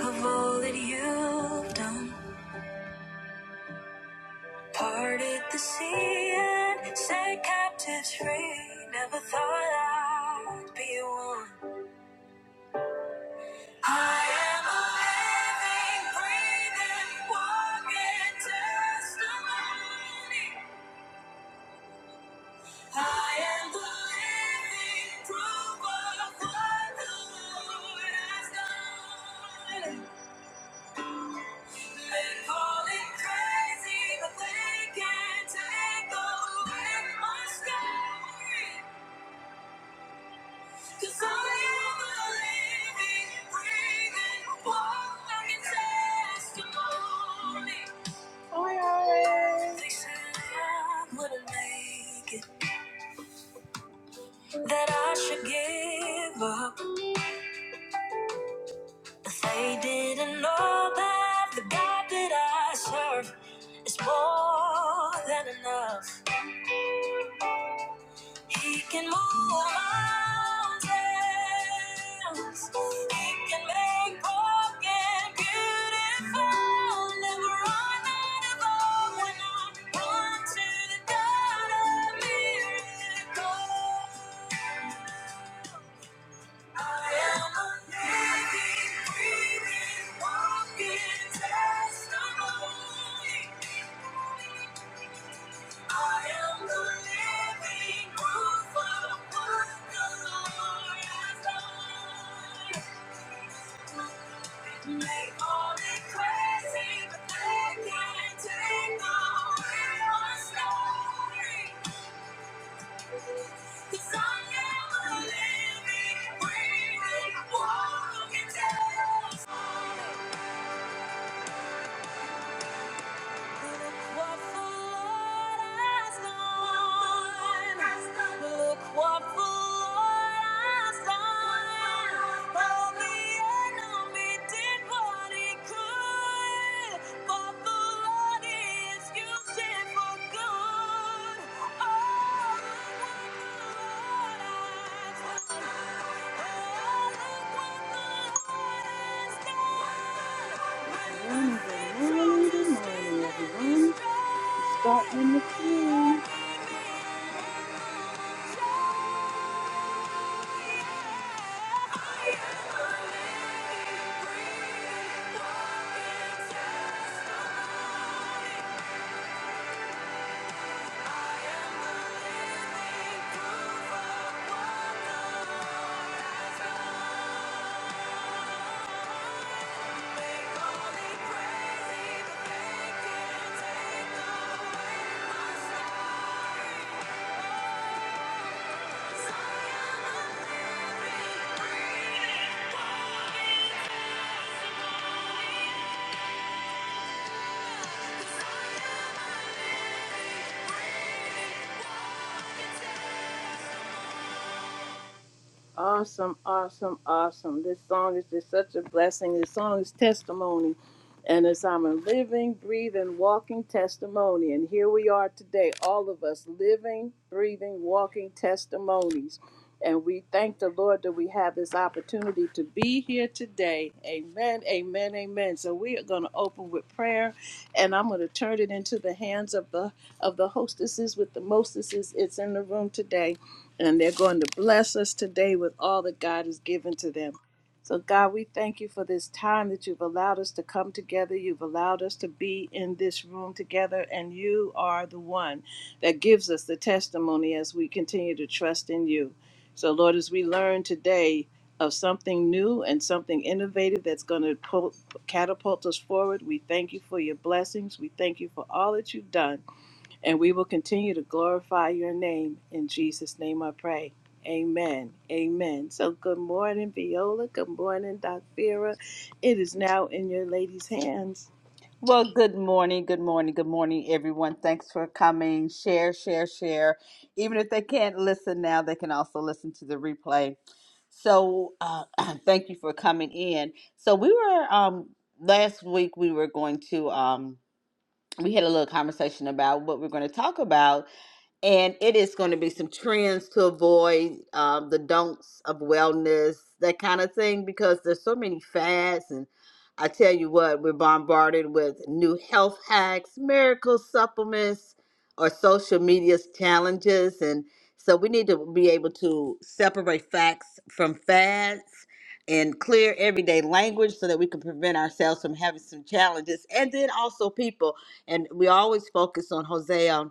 of all that you've done. Parted the sea and set captives free. Never thought I'd be one. I am a living, breathing, walking testimony. I am the living proof of what the Lord has done. Call it crazy, but they can't take away my story. 'Cause I am a breathing, walking testimony. They said I wouldn't make it, that I should give up. But they didn't know that the God that I serve is more than enough. He can move mountains. He can make broken beautiful. Never run out of hope when I run to the God of miracles. I am a living, breathing, walking testimony. I am the living proof of what the Lord has done. They call it crazy, but they can't take away my story. 'Cause I am a living, breathing, walking testimony. what the Lord has done. Look what the Lord has done. Though the enemy did what he could, but the Lord is used for good. Oh morning, good morning, good morning, everyone. Starting in the queue. Awesome, awesome, awesome. This song is just such a blessing. This song is testimony. And as I'm a living, breathing, walking testimony. And here we are today, all of us living, breathing, walking testimonies. And we thank the Lord that we have this opportunity to be here today. Amen, amen, amen. So we are going to open with prayer and I'm going to turn it into the hands of the of the hostesses with the mostesses. It's in the room today and they're going to bless us today with all that God has given to them. So, God, we thank you for this time that you've allowed us to come together. You've allowed us to be in this room together, and you are the one that gives us the testimony as we continue to trust in you. So, Lord, as we learn today of something new and something innovative that's going to po- catapult us forward, we thank you for your blessings. We thank you for all that you've done and we will continue to glorify your name. In Jesus' name I pray. Amen. Amen. So good morning, Viola. Good morning, Doc Vera. It is now in your lady's hands. Well, good morning, good morning, good morning, everyone. Thanks for coming. Share, share, share. Even if they can't listen now, they can also listen to the replay. So, uh, thank you for coming in. So, we were um, last week. We were going to um, we had a little conversation about what we're going to talk about, and it is going to be some trends to avoid um, the don'ts of wellness, that kind of thing, because there's so many fads. And I tell you what, we're bombarded with new health hacks, miracle supplements, or social media's challenges. And so we need to be able to separate facts from fads and clear everyday language so that we can prevent ourselves from having some challenges. And then also people, and we always focus on Hosea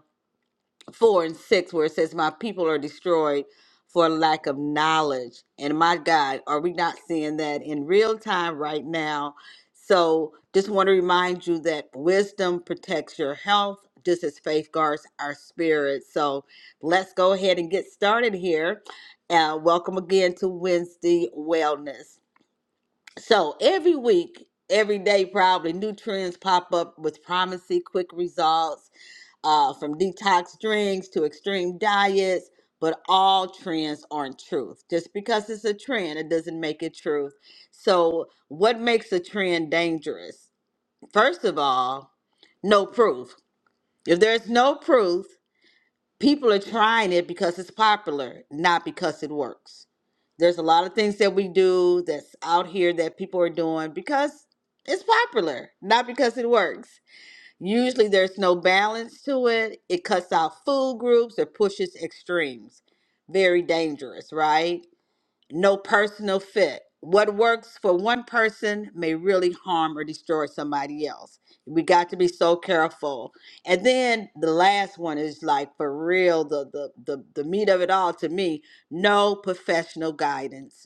four and six where it says my people are destroyed for lack of knowledge and my god are we not seeing that in real time right now so just want to remind you that wisdom protects your health just as faith guards our spirit so let's go ahead and get started here uh, welcome again to wednesday wellness so every week every day probably new trends pop up with promising quick results uh, from detox drinks to extreme diets, but all trends aren't truth. Just because it's a trend, it doesn't make it truth. So, what makes a trend dangerous? First of all, no proof. If there's no proof, people are trying it because it's popular, not because it works. There's a lot of things that we do that's out here that people are doing because it's popular, not because it works. Usually there's no balance to it. It cuts out food groups, it pushes extremes. Very dangerous, right? No personal fit. What works for one person may really harm or destroy somebody else. We got to be so careful. And then the last one is like for real, the the the, the meat of it all to me, no professional guidance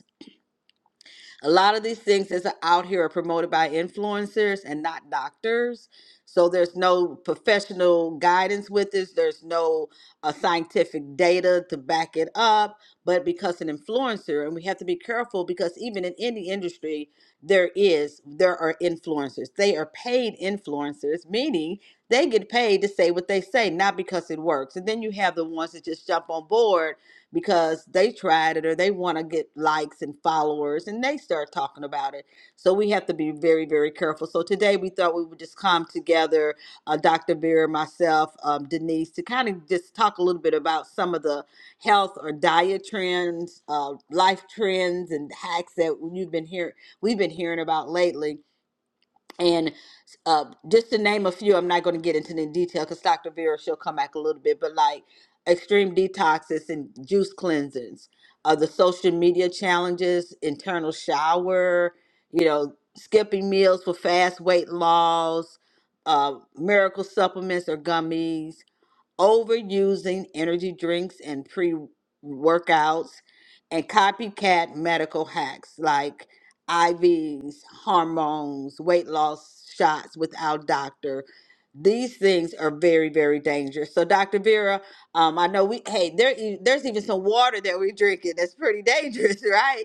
a lot of these things that's out here are promoted by influencers and not doctors. So there's no professional guidance with this. There's no uh, scientific data to back it up. But because an influencer, and we have to be careful because even in any industry, there is there are influencers. They are paid influencers, meaning they get paid to say what they say, not because it works. And then you have the ones that just jump on board because they tried it or they want to get likes and followers and they start talking about it. So we have to be very, very careful. So today we thought we would just come together, uh, Dr. Vera, myself, um, Denise, to kind of just talk a little bit about some of the health or diet trends, uh, life trends, and hacks that you've been hearing, we've been hearing about lately and uh, just to name a few, I'm not going to get into the detail because Dr. Vera she'll come back a little bit, but like extreme detoxes and juice cleansings, uh, the social media challenges, internal shower, you know, skipping meals for fast weight loss, uh, miracle supplements or gummies, overusing energy drinks and pre workouts, and copycat medical hacks like IVs, hormones, weight loss shots without doctor. These things are very, very dangerous. So, Dr. Vera, um, I know we, hey, there, e- there's even some water that we're drinking that's pretty dangerous, right?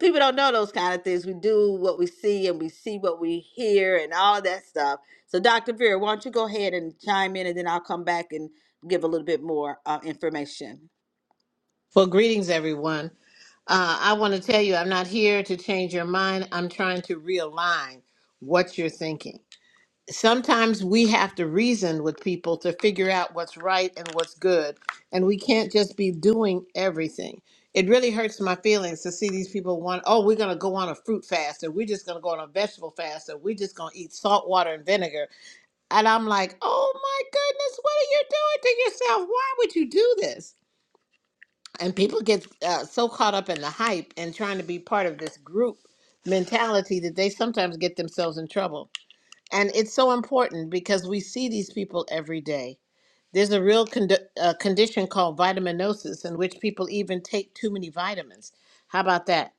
people don't know those kind of things. We do what we see and we see what we hear and all of that stuff. So, Dr. Vera, why don't you go ahead and chime in and then I'll come back and give a little bit more uh, information. Well, greetings, everyone. Uh, I want to tell you, I'm not here to change your mind. I'm trying to realign what you're thinking. Sometimes we have to reason with people to figure out what's right and what's good, and we can't just be doing everything. It really hurts my feelings to see these people want, oh, we're going to go on a fruit fast, or we're just going to go on a vegetable fast, or we're just going to eat salt water and vinegar. And I'm like, oh my goodness, what are you doing to yourself? Why would you do this? and people get uh, so caught up in the hype and trying to be part of this group mentality that they sometimes get themselves in trouble and it's so important because we see these people every day there's a real condi- uh, condition called vitaminosis in which people even take too many vitamins how about that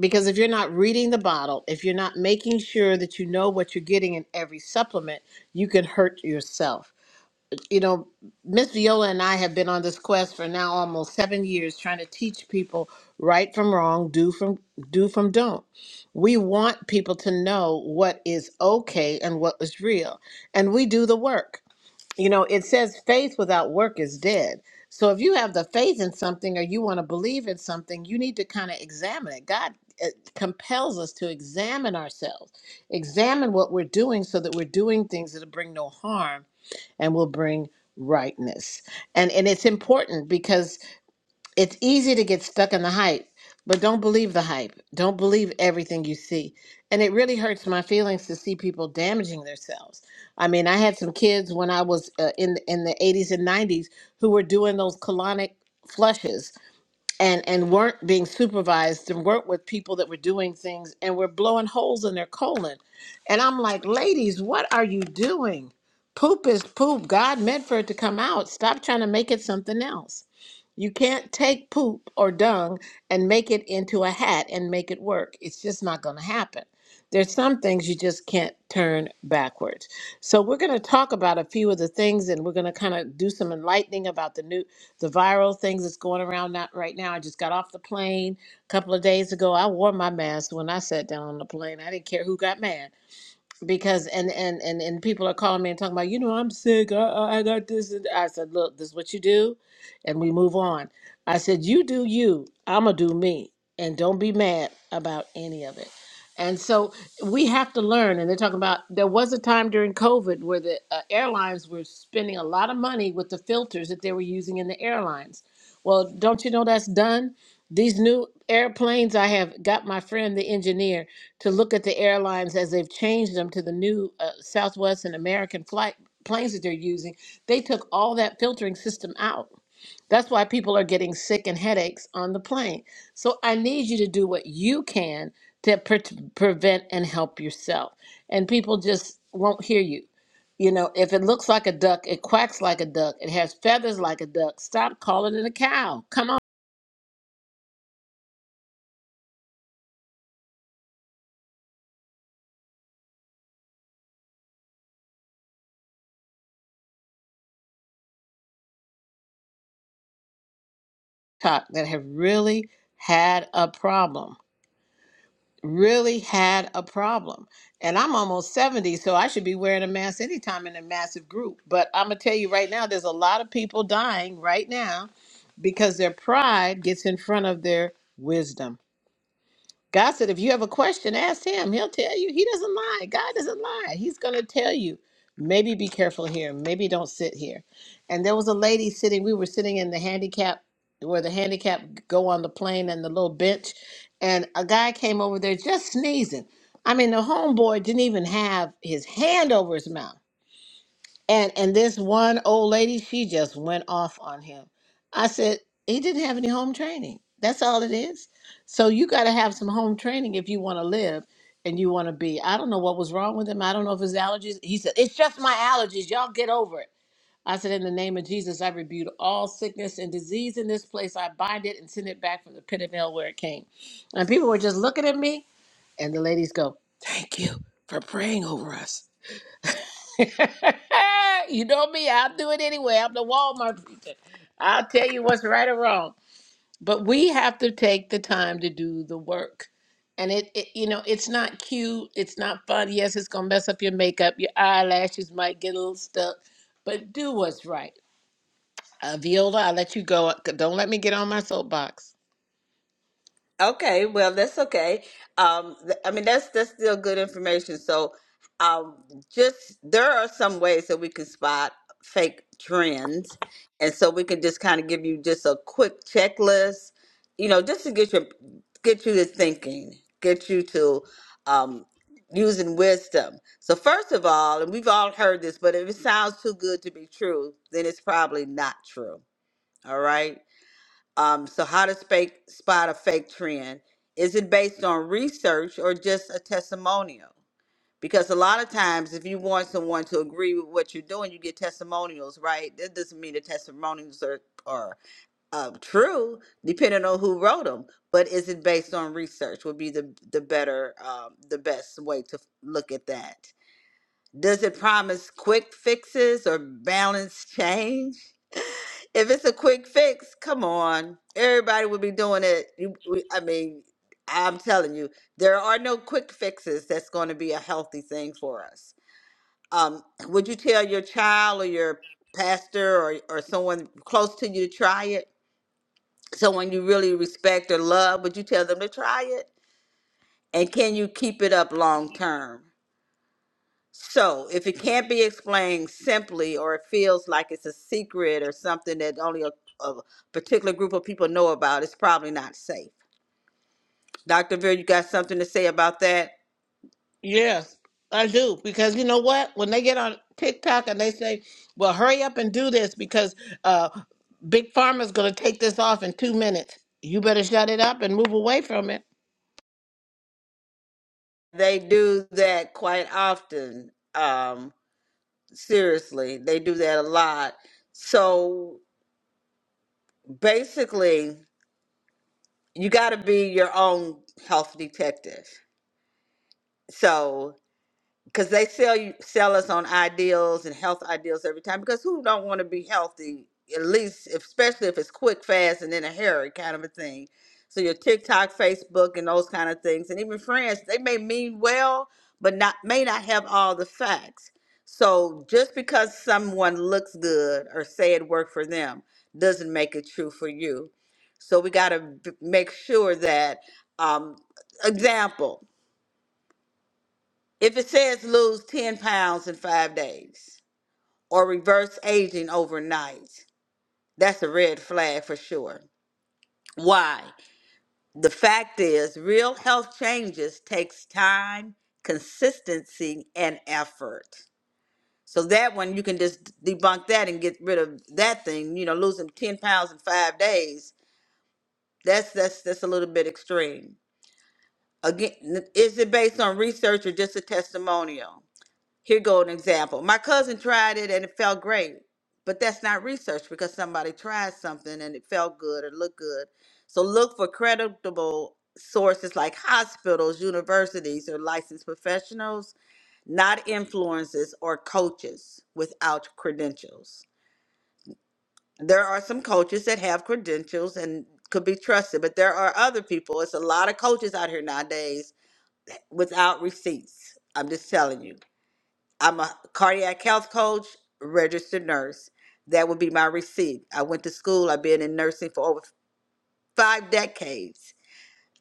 because if you're not reading the bottle if you're not making sure that you know what you're getting in every supplement you can hurt yourself you know, Miss Viola and I have been on this quest for now almost seven years, trying to teach people right from wrong, do from do from don't. We want people to know what is okay and what is real, and we do the work. You know, it says faith without work is dead. So if you have the faith in something or you want to believe in something, you need to kind of examine it. God uh, compels us to examine ourselves, examine what we're doing so that we're doing things that'll bring no harm and will bring rightness. And and it's important because it's easy to get stuck in the hype, but don't believe the hype. Don't believe everything you see. And it really hurts my feelings to see people damaging themselves. I mean, I had some kids when I was uh, in in the 80s and 90s who were doing those colonic flushes and and weren't being supervised and weren't with people that were doing things and were blowing holes in their colon and i'm like ladies what are you doing poop is poop god meant for it to come out stop trying to make it something else you can't take poop or dung and make it into a hat and make it work. It's just not going to happen. There's some things you just can't turn backwards. So we're going to talk about a few of the things, and we're going to kind of do some enlightening about the new, the viral things that's going around not right now. I just got off the plane a couple of days ago. I wore my mask when I sat down on the plane. I didn't care who got mad because and and and and people are calling me and talking about you know I'm sick I I I got this and I said look this is what you do and we move on I said you do you I'm gonna do me and don't be mad about any of it and so we have to learn and they're talking about there was a time during COVID where the uh, airlines were spending a lot of money with the filters that they were using in the airlines well don't you know that's done these new airplanes I have got my friend the engineer to look at the airlines as they've changed them to the new uh, Southwest and American flight planes that they're using. They took all that filtering system out. That's why people are getting sick and headaches on the plane. So I need you to do what you can to pre- prevent and help yourself. And people just won't hear you. You know, if it looks like a duck, it quacks like a duck, it has feathers like a duck. Stop calling it a cow. Come on, talk that have really had a problem. really had a problem. And I'm almost 70, so I should be wearing a mask anytime in a massive group. But I'm going to tell you right now, there's a lot of people dying right now because their pride gets in front of their wisdom. God said, if you have a question, ask him. He'll tell you. He doesn't lie. God doesn't lie. He's going to tell you. Maybe be careful here. Maybe don't sit here. And there was a lady sitting. We were sitting in the handicap where the handicap go on the plane and the little bench. And a guy came over there just sneezing. I mean, the homeboy didn't even have his hand over his mouth. And and this one old lady, she just went off on him. I said, he didn't have any home training. That's all it is. So you got to have some home training if you want to live and you want to be. I don't know what was wrong with him. I don't know if his allergies. He said, "It's just my allergies. Y'all get over it." I said, "In the name of Jesus, I rebuke all sickness and disease in this place. I bind it and send it back from the pit of hell where it came." And people were just looking at me, and the ladies go, "Thank you for praying over us." you know me, I'll do it anyway. I'm the Walmart preacher. I'll tell you what's right or wrong. But we have to take the time to do the work. And it, it you know, it's not cute, it's not fun. Yes, it's gonna mess up your makeup, your eyelashes might get a little stuck, but do what's right. Uh, Viola, I'll let you go. Don't let me get on my soapbox. Okay, well, that's okay. Um, th- I mean, that's that's still good information. So, um, just there are some ways that we can spot fake trends, and so we can just kind of give you just a quick checklist, you know, just to get your get you to thinking, get you to um, using wisdom. So, first of all, and we've all heard this, but if it sounds too good to be true, then it's probably not true. All right. Um, so, how to fake, spot a fake trend? Is it based on research or just a testimonial? Because a lot of times, if you want someone to agree with what you're doing, you get testimonials, right? That doesn't mean the testimonials are, are uh, true, depending on who wrote them. But is it based on research? Would be the the better, um, the best way to look at that. Does it promise quick fixes or balance change? If it's a quick fix, come on. Everybody would be doing it. You, we, I mean, I'm telling you, there are no quick fixes that's going to be a healthy thing for us. Um, would you tell your child or your pastor or, or someone close to you to try it? Someone you really respect or love, would you tell them to try it? And can you keep it up long term? So, if it can't be explained simply or it feels like it's a secret or something that only a, a particular group of people know about, it's probably not safe. Dr. Veer, you got something to say about that? Yes, I do. Because you know what? When they get on TikTok and they say, well, hurry up and do this because uh, Big Pharma's going to take this off in two minutes, you better shut it up and move away from it. They do that quite often. Um, seriously, they do that a lot. So, basically, you got to be your own health detective. So, because they sell you sell us on ideals and health ideals every time because who don't want to be healthy at least if- especially if it's quick fast and in a hurry kind of a thing so your tiktok facebook and those kind of things and even friends they may mean well but not may not have all the facts so just because someone looks good or say it worked for them doesn't make it true for you so we got to make sure that um example if it says lose 10 pounds in five days or reverse aging overnight, that's a red flag for sure. Why? The fact is, real health changes takes time, consistency, and effort. So that one you can just debunk that and get rid of that thing. You know, losing 10 pounds in five days. That's that's that's a little bit extreme. Again, n- is it based on research or just a testimonial? Here go an example. My cousin tried it and it felt great, but that's not research because somebody tried something and it felt good or looked good. So look for credible sources like hospitals, universities, or licensed professionals, not influencers or coaches without credentials. There are some coaches that have credentials and could be trusted, but there are other people. It's a lot of coaches out here nowadays without receipts. I'm just telling you I'm a cardiac health coach, registered nurse. That would be my receipt. I went to school. I've been in nursing for over five decades.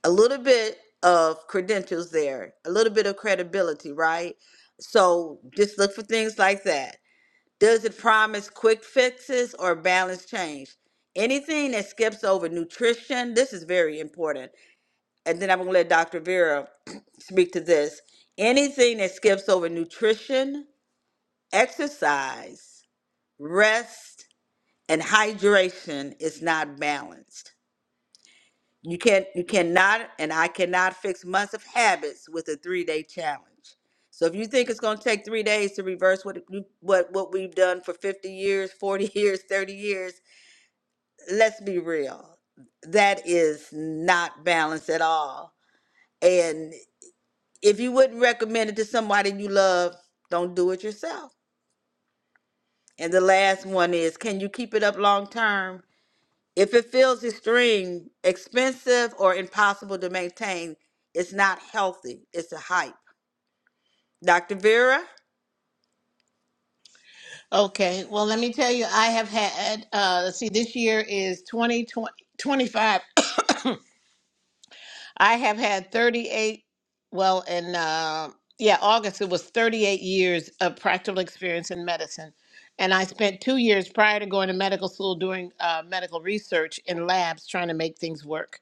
A little bit of credentials there, a little bit of credibility, right? So just look for things like that. Does it promise quick fixes or balance change? Anything that skips over nutrition, this is very important. And then I'm going to let Dr. Vera speak to this. Anything that skips over nutrition, exercise rest and hydration is not balanced. You can't you cannot and I cannot fix months of habits with a three day challenge. So if you think it's gonna take three days to reverse what you- what what we've done for 50 years, 40 years, 30 years, let's be real. That is not balanced at all. And if you wouldn't recommend it to somebody you love, don't do it yourself. And the last one is can you keep it up long term? If it feels extreme, expensive, or impossible to maintain, it's not healthy. It's a hype. Dr. Vera, Okay, well, let me tell you, I have had, uh, let's see, this year is 2020. I have had 38, well, in, uh, yeah, August, it was 38 years of practical experience in medicine. And I spent two years prior to going to medical school doing uh, medical research in labs trying to make things work.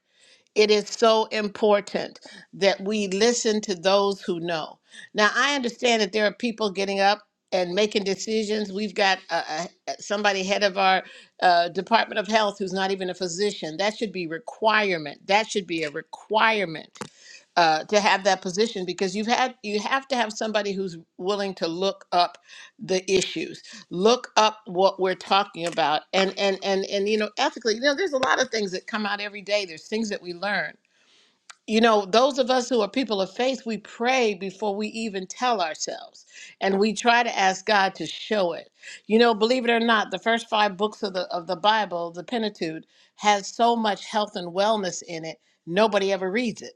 It is so important that we listen to those who know. Now, I understand that there are people getting up and making decisions. We've got uh, uh, somebody head of our uh, Department of Health who's not even a physician. That should be requirement. That should be a requirement uh, to have that position because you've had you have to have somebody who's willing to look up the issues, look up what we're talking about, and and and and you know ethically. You know, there's a lot of things that come out every day. There's things that we learn you know, those of us who are people of faith, we pray before we even tell ourselves. And we try to ask God to show it. You know, believe it or not, the first five books of the of the Bible, the Pentateuch, has so much health and wellness in it, nobody ever reads it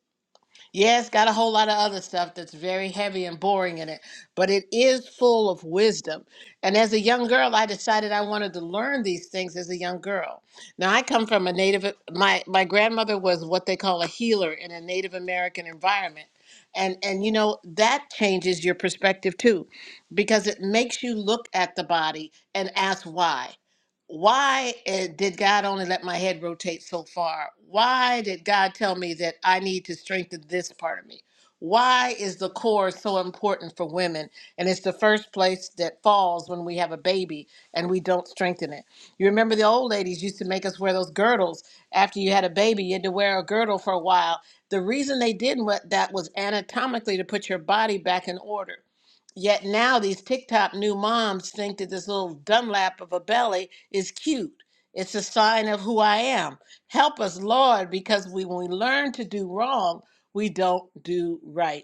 yeah, it's got a whole lot of other stuff that's very heavy and boring in it, but it is full of wisdom. And as a young girl, I decided I wanted to learn these things as a young girl. Now, I come from a native my my grandmother was what they call a healer in a Native American environment. And and you know, that changes your perspective too because it makes you look at the body and ask why why eh, did God only let my head rotate so far? Why did God tell me that I need to strengthen this part of me? Why is the core so important for women? And it's the first place that falls when we have a baby and we don't strengthen it. You remember the old ladies used to make us wear those girdles. After you had a baby, you had to wear a girdle for a while. The reason they did what that was anatomically to put your body back in order. Yet now these TikTok new moms think that this little Dunlap of a belly is cute. It's a sign of who I am. Help us, Lord, because we, when we learn to do wrong, we don't do right.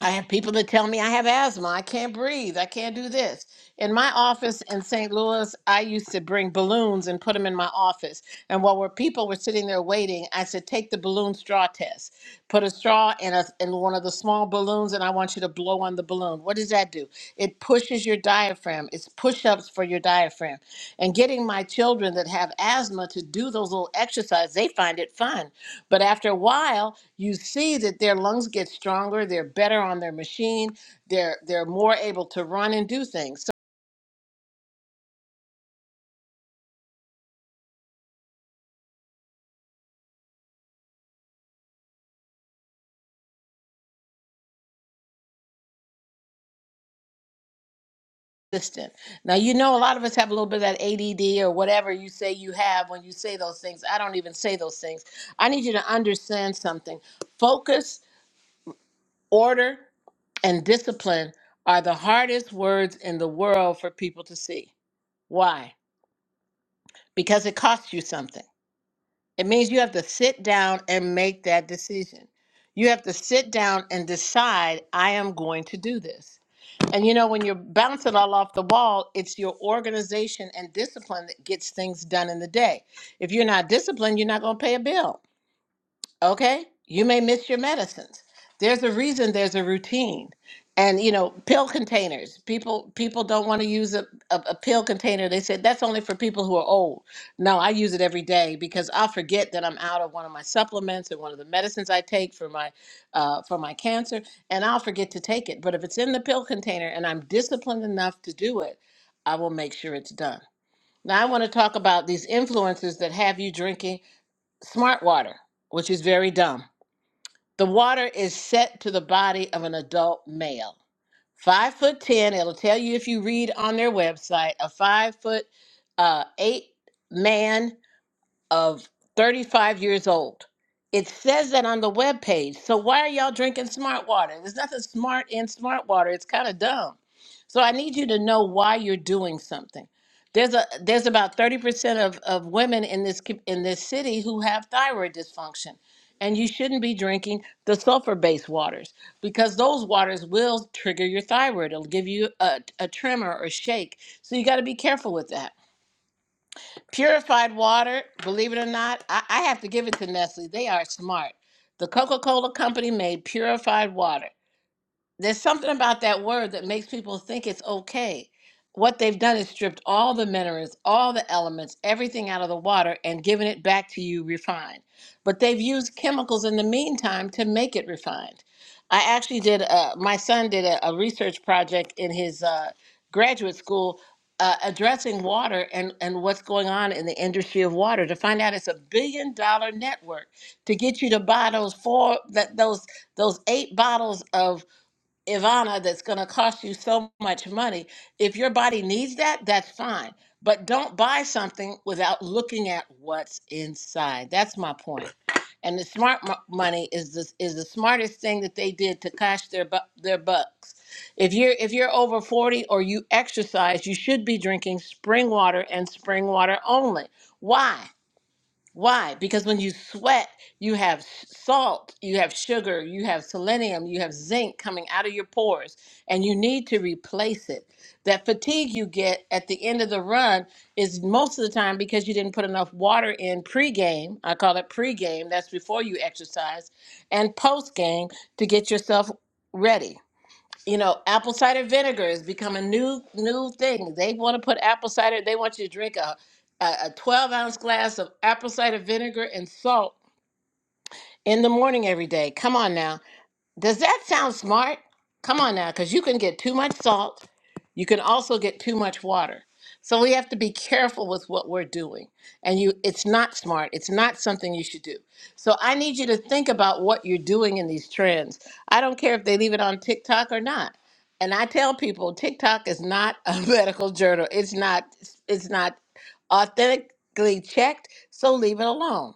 I have people that tell me I have asthma, I can't breathe, I can't do this. In my office in St. Louis, I used to bring balloons and put them in my office. And while we're, people were sitting there waiting, I said, Take the balloon straw test. Put a straw in, a, in one of the small balloons, and I want you to blow on the balloon. What does that do? It pushes your diaphragm, it's push ups for your diaphragm. And getting my children that have asthma to do those little exercises, they find it fun but after a while, you see that their lungs get stronger, they're better on their machine, they're they're more able to run and do things. So consistent. Now you know a lot of us have a little bit of that ADD or whatever you say you have when you say those things. I don't even say those things. I need you to understand something. Focus, order, and discipline are the hardest words in the world for people to see. Why? Because it costs you something. It means you have to sit down and make that decision. You have to sit down and decide, I am going to do this. And you know, when you're bouncing all off the wall, it's your organization and discipline that gets things done in the day. If you're not disciplined, you're not going to pay a bill okay you may miss your medicines there's a reason there's a routine and you know pill containers people people don't want to use a, a, a pill container they said that's only for people who are old no i use it every day because i forget that i'm out of one of my supplements or one of the medicines i take for my uh, for my cancer and i'll forget to take it but if it's in the pill container and i'm disciplined enough to do it i will make sure it's done now i want to talk about these influences that have you drinking smart water which is very dumb the water is set to the body of an adult male. Five foot ten, it'll tell you if you read on their website, a five foot uh, eight man of 35 years old. It says that on the webpage. So why are y'all drinking smart water? There's nothing smart in smart water. It's kind of dumb. So I need you to know why you're doing something. There's a there's about 30% of, of women in this co- in this city who have thyroid dysfunction. And you shouldn't be drinking the sulfur-based waters because those waters will trigger your thyroid. It'll give you a, a tremor or shake. So you got to be careful with that. Purified water, believe it or not, I, I have to give it to Nestle. They are smart. The Coca Cola Company made purified water there's something about that word that makes people think it's okay. What they've done is stripped all the minerals, all the elements, everything out of the water and given it back to you refined. But they've used chemicals in the meantime to make it refined. I actually did, uh, my son did a, a research project in his uh, graduate school uh, addressing water and, and what's going on in the industry of water to find out it's a billion dollar network to get you to buy those four, that, those, those eight bottles of Ivana that's going to cost you so much money. If your body needs that, that's fine. But don't buy something without looking at what's inside. That's my point. And the smart mo- money is the is the smartest thing that they did to cash their bu- their bucks. If you're if you're over 40 or you exercise, you should be drinking spring water and spring water only. Why? Why? Because when you sweat, you have s- salt, you have sugar, you have selenium, you have zinc coming out of your pores, and you need to replace it. That fatigue you get at the end of the run is most of the time because you didn't put enough water in pregame. I call it pregame, that's before you exercise, and postgame to get yourself ready you know, apple cider vinegar has become a new new thing. They want to put apple cider. They want you to drink a a, a twelve ounce glass of apple cider vinegar and salt in the morning every day. Come on now, does that sound smart? Come on now, because you can get too much salt. You can also get too much water. So we have to be careful with what we're doing. And you it's not smart. It's not something you should do. So I need you to think about what you're doing in these trends. I don't care if they leave it on TikTok or not. And I tell people TikTok is not a medical journal. It's not it's not authentically checked, so leave it alone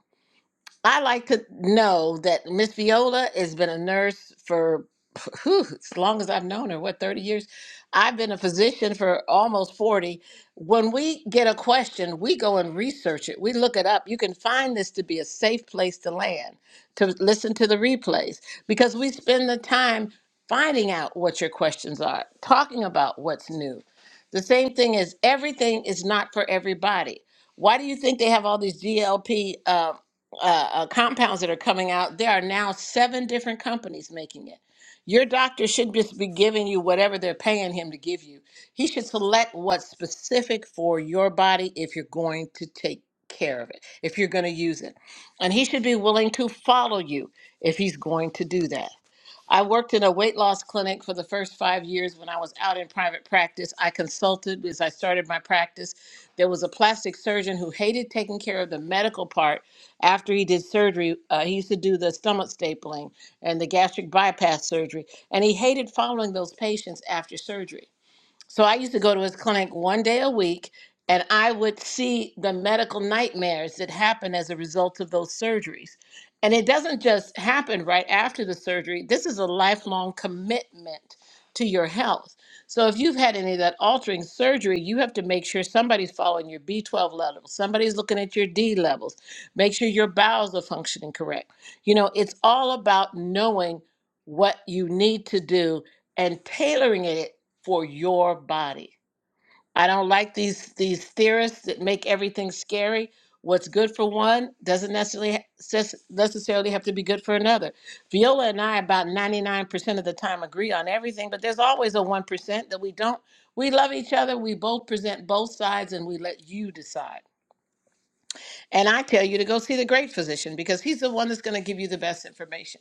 I like to know that Miss Viola has been a nurse for whew, as long as I've known her, what, 30 years? I've been a physician for almost 40. When we get a question, we go and research it. We look it up. You can find this to be a safe place to land, to listen to the replays, because we spend the time finding out what your questions are, talking about what's new. The same thing is everything is not for everybody. Why do you think they have all these GLP? uh, uh, compounds that are coming out, there are now seven different companies making it. Your doctor should just be giving you whatever they're paying him to give you. He should select what's specific for your body if you're going to take care of it, if you're going to use it. And he should be willing to follow you if he's going to do that. I worked in a weight loss clinic for the first five years when I was out in private practice. I consulted as I started my practice. There was a plastic surgeon who hated taking care of the medical part after he did surgery. Uh, he used to do the stomach stapling and the gastric bypass surgery, and he hated following those patients after surgery. So I used to go to his clinic one day a week, and I would see the medical nightmares that happen as a result of those surgeries. And it doesn't just happen right after the surgery, this is a lifelong commitment to your health. So if you've had any of that altering surgery, you have to make sure somebody's following your B12 levels, somebody's looking at your D levels, make sure your bowels are functioning correct. You know, it's all about knowing what you need to do and tailoring it for your body. I don't like these these theorists that make everything scary. What's good for one doesn't necessarily ha- ses- necessarily have to be good for another. Viola and I about 99% of the time agree on everything, but there's always a 1% that we don't. We love each other. We both present both sides and we let you decide. And I tell you to go see the great physician because he's the one that's going to give you the best information.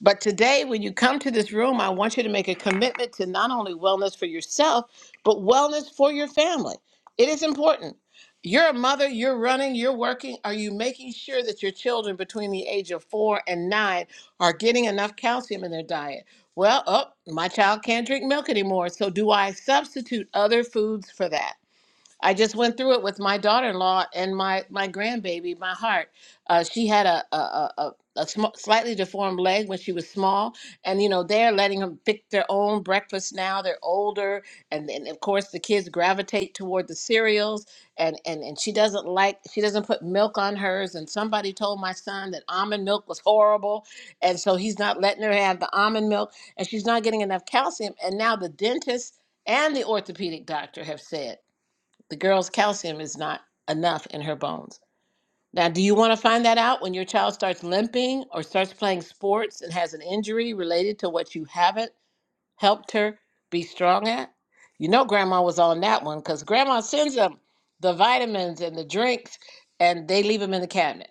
But today, when you come to this room, I want you to make a commitment to not only wellness for yourself, but wellness for your family. It is important. You're a mother, you're running, you're working. Are you making sure that your children between the age of four and nine are getting enough calcium in their diet? Well, oh, my child can't drink milk anymore. So, do I substitute other foods for that? I just went through it with my daughter-in-law and my my grandbaby, my heart. Uh, she had a a a, a a sm- slightly deformed leg when she was small, and you know they're letting them pick their own breakfast now. They're older, and and of course the kids gravitate toward the cereals, and and and she doesn't like she doesn't put milk on hers. And somebody told my son that almond milk was horrible, and so he's not letting her have the almond milk, and she's not getting enough calcium. And now the dentist and the orthopedic doctor have said. The girl's calcium is not enough in her bones. Now, do you want to find that out when your child starts limping or starts playing sports and has an injury related to what you haven't helped her be strong at? You know, grandma was on that one because grandma sends them the vitamins and the drinks and they leave them in the cabinet.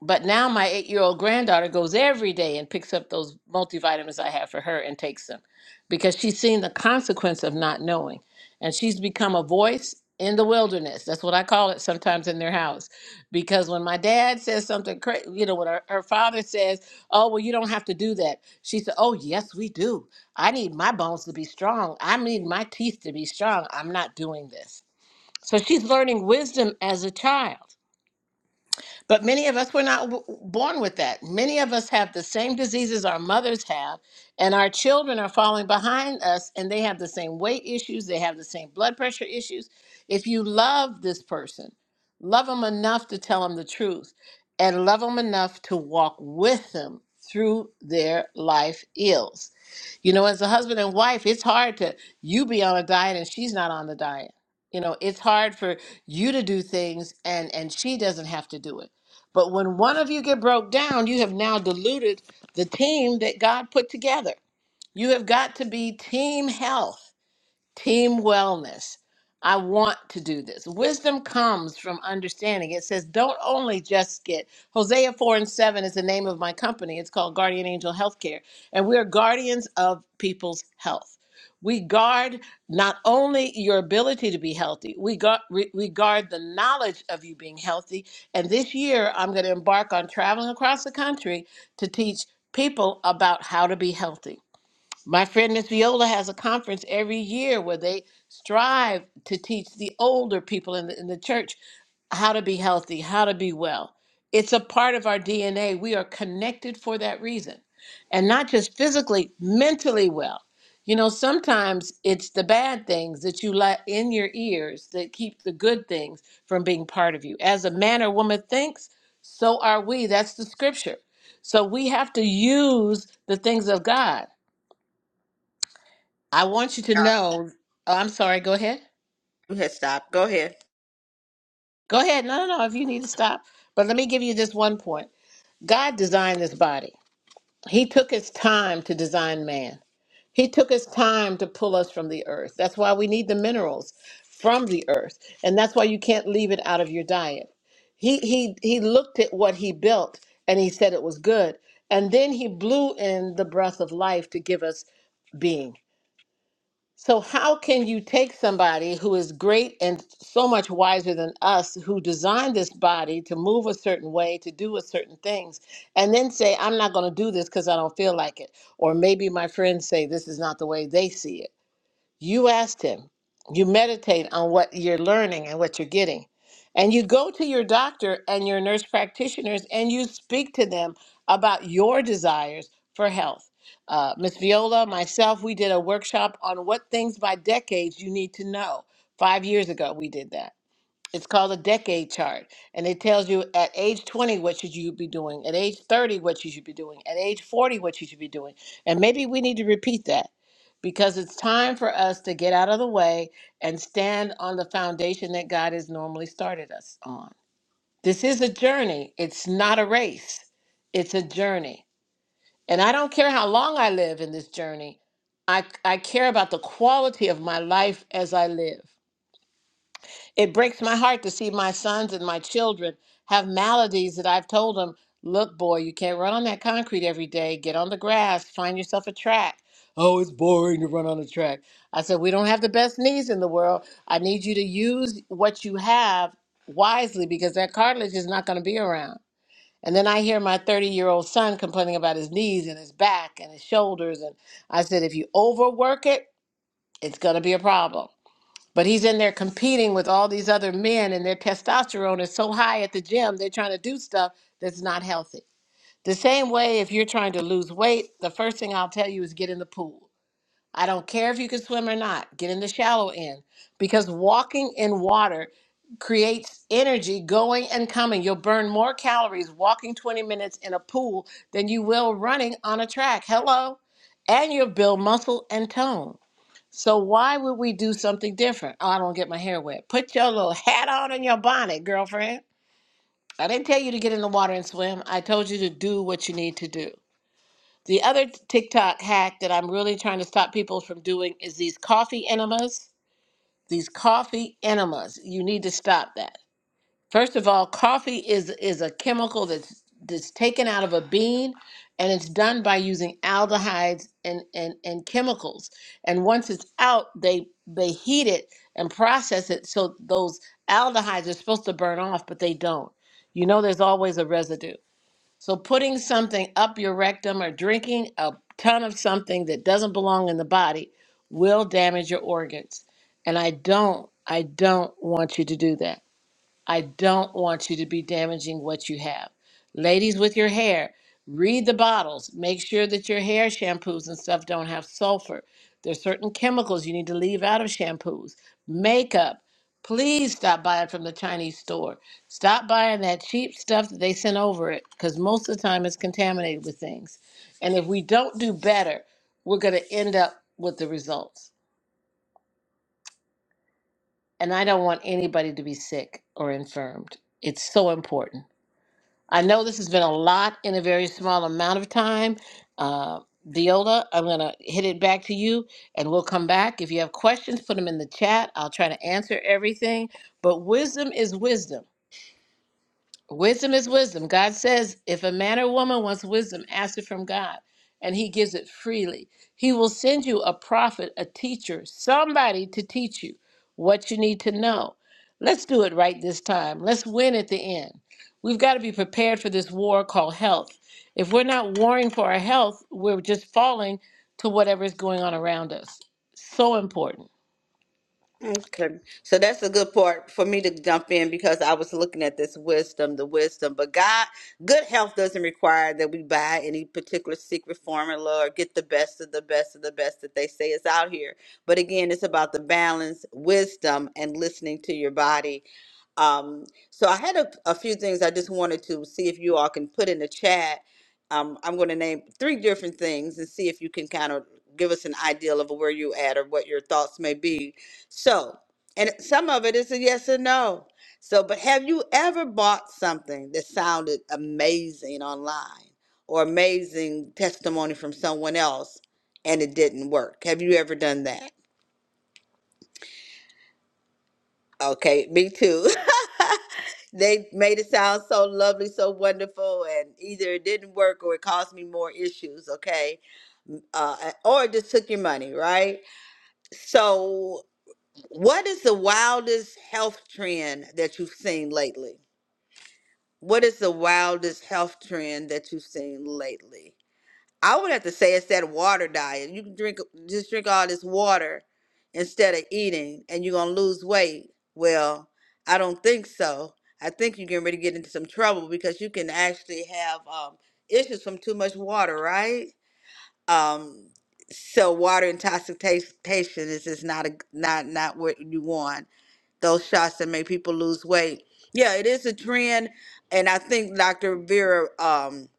But now my eight year old granddaughter goes every day and picks up those multivitamins I have for her and takes them because she's seen the consequence of not knowing. And she's become a voice in the wilderness. That's what I call it sometimes in their house. Because when my dad says something crazy, you know, when her, her father says, Oh, well, you don't have to do that, she said, Oh, yes, we do. I need my bones to be strong. I need my teeth to be strong. I'm not doing this. So she's learning wisdom as a child. But many of us were not w- born with that. Many of us have the same diseases our mothers have, and our children are falling behind us, and they have the same weight issues, they have the same blood pressure issues. If you love this person, love them enough to tell them the truth, and love them enough to walk with them through their life ills. You know, as a husband and wife, it's hard to you be on a diet and she's not on the diet. You know, it's hard for you to do things and and she doesn't have to do it but when one of you get broke down, you have now diluted the team that God put together. You have got to be team health. Team wellness. I want to do this. Wisdom comes from understanding. It says, don't only just get Hosea 4 and 7 is the name of my company. It's called Guardian Angel Healthcare. And we're guardians of people's health. We guard not only your ability to be healthy, we, guard we, we guard the knowledge of you being healthy. And this year, I'm going to embark on traveling across the country to teach people about how to be healthy. My friend Miss Viola has a conference every year where they strive to teach the older people in the, in the church how to be healthy, how to be well. It's a part of our DNA. We are connected for that reason. And not just physically, mentally well. You know, sometimes it's the bad things that you let in your ears that keep the good things from being part of you. As a man or woman thinks, so are we. That's the scripture. So we have to use the things of God. I want you to uh, know. Oh, I'm sorry. Go ahead. you had stopped. Go ahead. Go ahead. No, no, no. If you need to stop, but let me give you this one point. God designed this body. He took his time to design man. He took his time to pull us from the earth. That's why we need the minerals from the earth. And that's why you can't leave it out of your diet. He he he looked at what he built and he said it was good. And then he blew in the breath of life to give us being. So, how can you take somebody who is great and so much wiser than us, who designed this body to move a certain way, to do a certain things, and then say, I'm not going to do this because I don't feel like it? Or maybe my friends say this is not the way they see it. You ask Him. You meditate on what you're learning and what you're getting. And you go to your doctor and your nurse practitioners and you speak to them about your desires for health. Uh, Miss Viola, myself, we did a workshop on what things by decades you need to know. Five years ago, we did that it's called a decade chart, and it tells you at age 20 what should you be doing, at age 30 what you should be doing, at age 40 what you should be doing. And maybe we need to repeat that because it's time for us to get out of the way and stand on the foundation that God has normally started us on. This is a journey. It's not a race. It's a journey. And I don't care how long I live in this journey. I I care about the quality of my life as I live. It breaks my heart to see my sons and my children have maladies that I've told them, look, boy, you can't run on that concrete every day. Get on the grass, find yourself a track. Oh, it's boring to run on a track. I said, We don't have the best knees in the world. I need you to use what you have wisely because that cartilage is not going to be around. And then I hear my 30 year old son complaining about his knees and his back and his shoulders. And I said, If you overwork it, it's going to be a problem. But he's in there competing with all these other men, and their testosterone is so high at the gym, they're trying to do stuff that's not healthy. The same way, if you're trying to lose weight, the first thing I'll tell you is get in the pool. I don't care if you can swim or not, get in the shallow end because walking in water creates energy going and coming. You'll burn more calories walking 20 minutes in a pool than you will running on a track. Hello. And you'll build muscle and tone. So why would we do something different? Oh, I don't get my hair wet. Put your little hat on and your bonnet, girlfriend. I didn't tell you to get in the water and swim. I told you to do what you need to do. The other TikTok hack that I'm really trying to stop people from doing is these coffee enemas. These coffee enemas. You need to stop that. First of all, coffee is is a chemical that's that's taken out of a bean and it's done by using aldehydes and, and, and chemicals. And once it's out, they they heat it and process it so those aldehydes are supposed to burn off, but they don't. You know there's always a residue. So putting something up your rectum or drinking a ton of something that doesn't belong in the body will damage your organs. And I don't I don't want you to do that. I don't want you to be damaging what you have. Ladies with your hair, read the bottles. Make sure that your hair shampoos and stuff don't have sulfur. There's certain chemicals you need to leave out of shampoos. Makeup, please stop buying from the Chinese store. Stop buying that cheap stuff that they sent over it because most of the time it's contaminated with things. And if we don't do better, we're going to end up with the results. And I don't want anybody to be sick or infirmed. It's so important. I know this has been a lot in a very small amount of time. Uh, Viola, I'm going to hit it back to you and we'll come back. If you have questions, put them in the chat. I'll try to answer everything. But wisdom is wisdom. Wisdom is wisdom. God says, if a man or woman wants wisdom, ask it from God, and he gives it freely. He will send you a prophet, a teacher, somebody to teach you what you need to know. Let's do it right this time. Let's win at the end. We've got to be prepared for this war called health. If we're not warring for our health, we're just falling to whatever is going on around us. So important. Okay. So that's a good part for me to jump in because I was looking at this wisdom, the wisdom. But God, good health doesn't require that we buy any particular secret formula or get the best of the best of the best that they say is out here. But again, it's about the balance, wisdom, and listening to your body. Um, so I had a, a few things I just wanted to see if you all can put in the chat. Um, I'm going to name three different things and see if you can kind of give us an ideal of where you at or what your thoughts may be so, and some of it is a yes or no. So, but have you ever bought something that sounded amazing online or amazing testimony from someone else and it didn't work? Have you ever done that? Okay, me too. they made it sound so lovely, so wonderful, and either it didn't work or it caused me more issues, okay? Uh, or it just took your money, right? So, what is the wildest health trend that you've seen lately? What is the wildest health trend that you've seen lately? I would have to say it's that water diet. You can drink just drink all this water instead of eating and you're gonna lose weight. Well, I don't think so. I think you're getting ready to get into some trouble because you can actually have um, issues from too much water, right? Um, so water intoxication is just not a not not what you want those shots that make people lose weight. Yeah, it is a trend, and I think Dr. Vera um,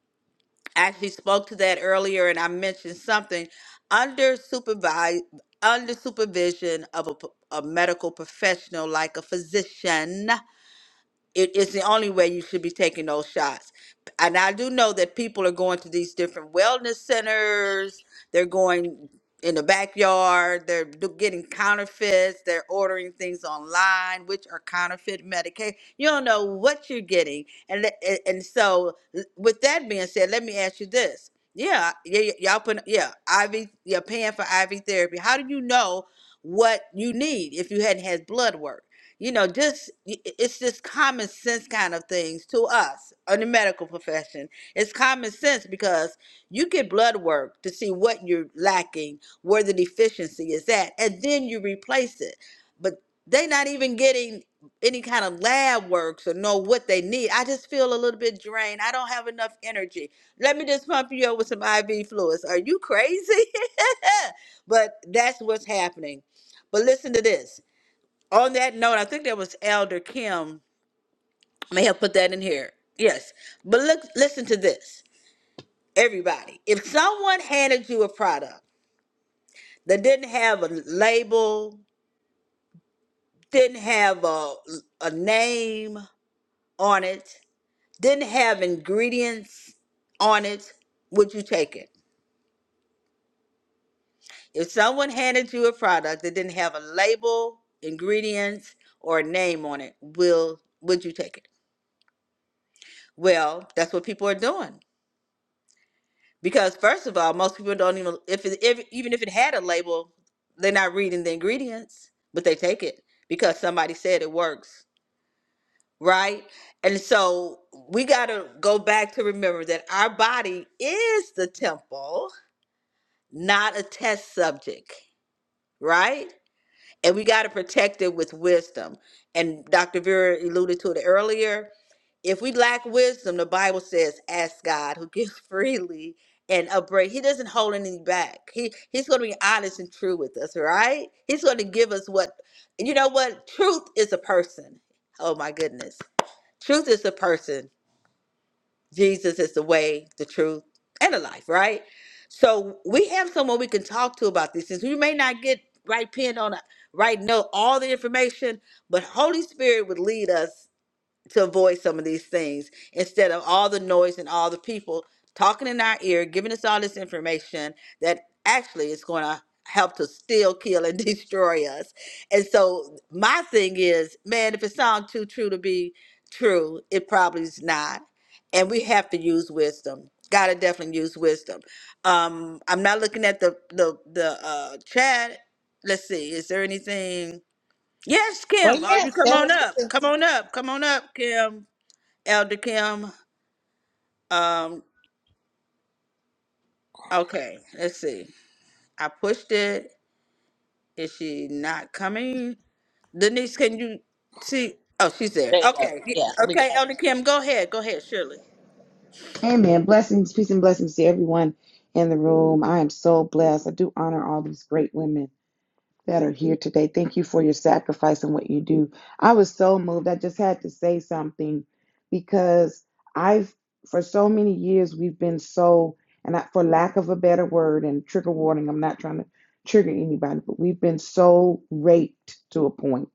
actually spoke to that earlier, and I mentioned something under supervise under supervision of a, p- a medical professional like a physician it, it's the only way you should be taking those shots. And I do know that people are going to these different wellness centers. They're going in the backyard. They're do- getting counterfeits. They're ordering things online, which are counterfeit medication. You don't know what you're getting. And le- and and so, l- with that being said, let me ask you this. Yeah, yeah, y- y'all put yeah, IV. You're paying for IV therapy. How do you know what you need if you hadn't had blood work? you know just it's just common sense kind of things to us in the medical profession it's common sense because you get blood work to see what you're lacking where the deficiency is at and then you replace it but they are not even getting any kind of lab works or know what they need i just feel a little bit drained i don't have enough energy let me just pump you up with some iv fluids are you crazy but that's what's happening but listen to this on that note, I think that was Elder Kim. May have put that in here. Yes. But look listen to this. Everybody, if someone handed you a product that didn't have a label, didn't have a, a name on it, didn't have ingredients on it, would you take it? If someone handed you a product that didn't have a label, ingredients, or a name on it, will would you take it? Well, that's what people are doing. Because first of all, most people don't even if, it, if even if it had a label, they're not reading the ingredients, but they take it because somebody said it works, right? And so we got to go back to remember that our body is the temple, not a test subject, right? and we got to protect it with wisdom. And Dr. Vera alluded to it earlier. If we lack wisdom, the Bible says, "Ask God, who gives freely and upbraid." He doesn't hold anything back. He He's going to be honest and true with us, right? He's going to give us what and you know. What truth is a person. Oh my goodness, truth is a person. Jesus is the way, the truth, and the life, right? So we have someone we can talk to about this. Since we may not get right pinned on a right note, all the information, but Holy Spirit would lead us to avoid some of these things instead of all the noise and all the people talking in our ear, giving us all this information that actually is going to help to steal, kill, and destroy us. And so my thing is, man, if it sounds too true to be true, it probably is not. And we have to use wisdom. Gotta definitely use wisdom. Um, I'm not looking at the the the uh, chat. Let's see. Is there anything? Yes, Kim. Well, Oh, yes, you come that on was up. Come on up. Come on up, Kim. Elder Kim. Um, okay, let's see. I pushed it. Is she not coming? Denise, can you see? Oh, she's there. there you go. Okay. y- Yeah, we got. Okay, Elder Kim, go ahead. Go ahead, Shirley. Amen. Blessings, peace, and blessings to everyone in the room. I am so blessed. I do honor all these great women that are here today. Thank you for your sacrifice and what you do. I was so moved. I just had to say something because I've, for so many years, we've been so, and I, for lack of a better word and trigger warning, I'm not trying to trigger anybody, but we've been so raped to a point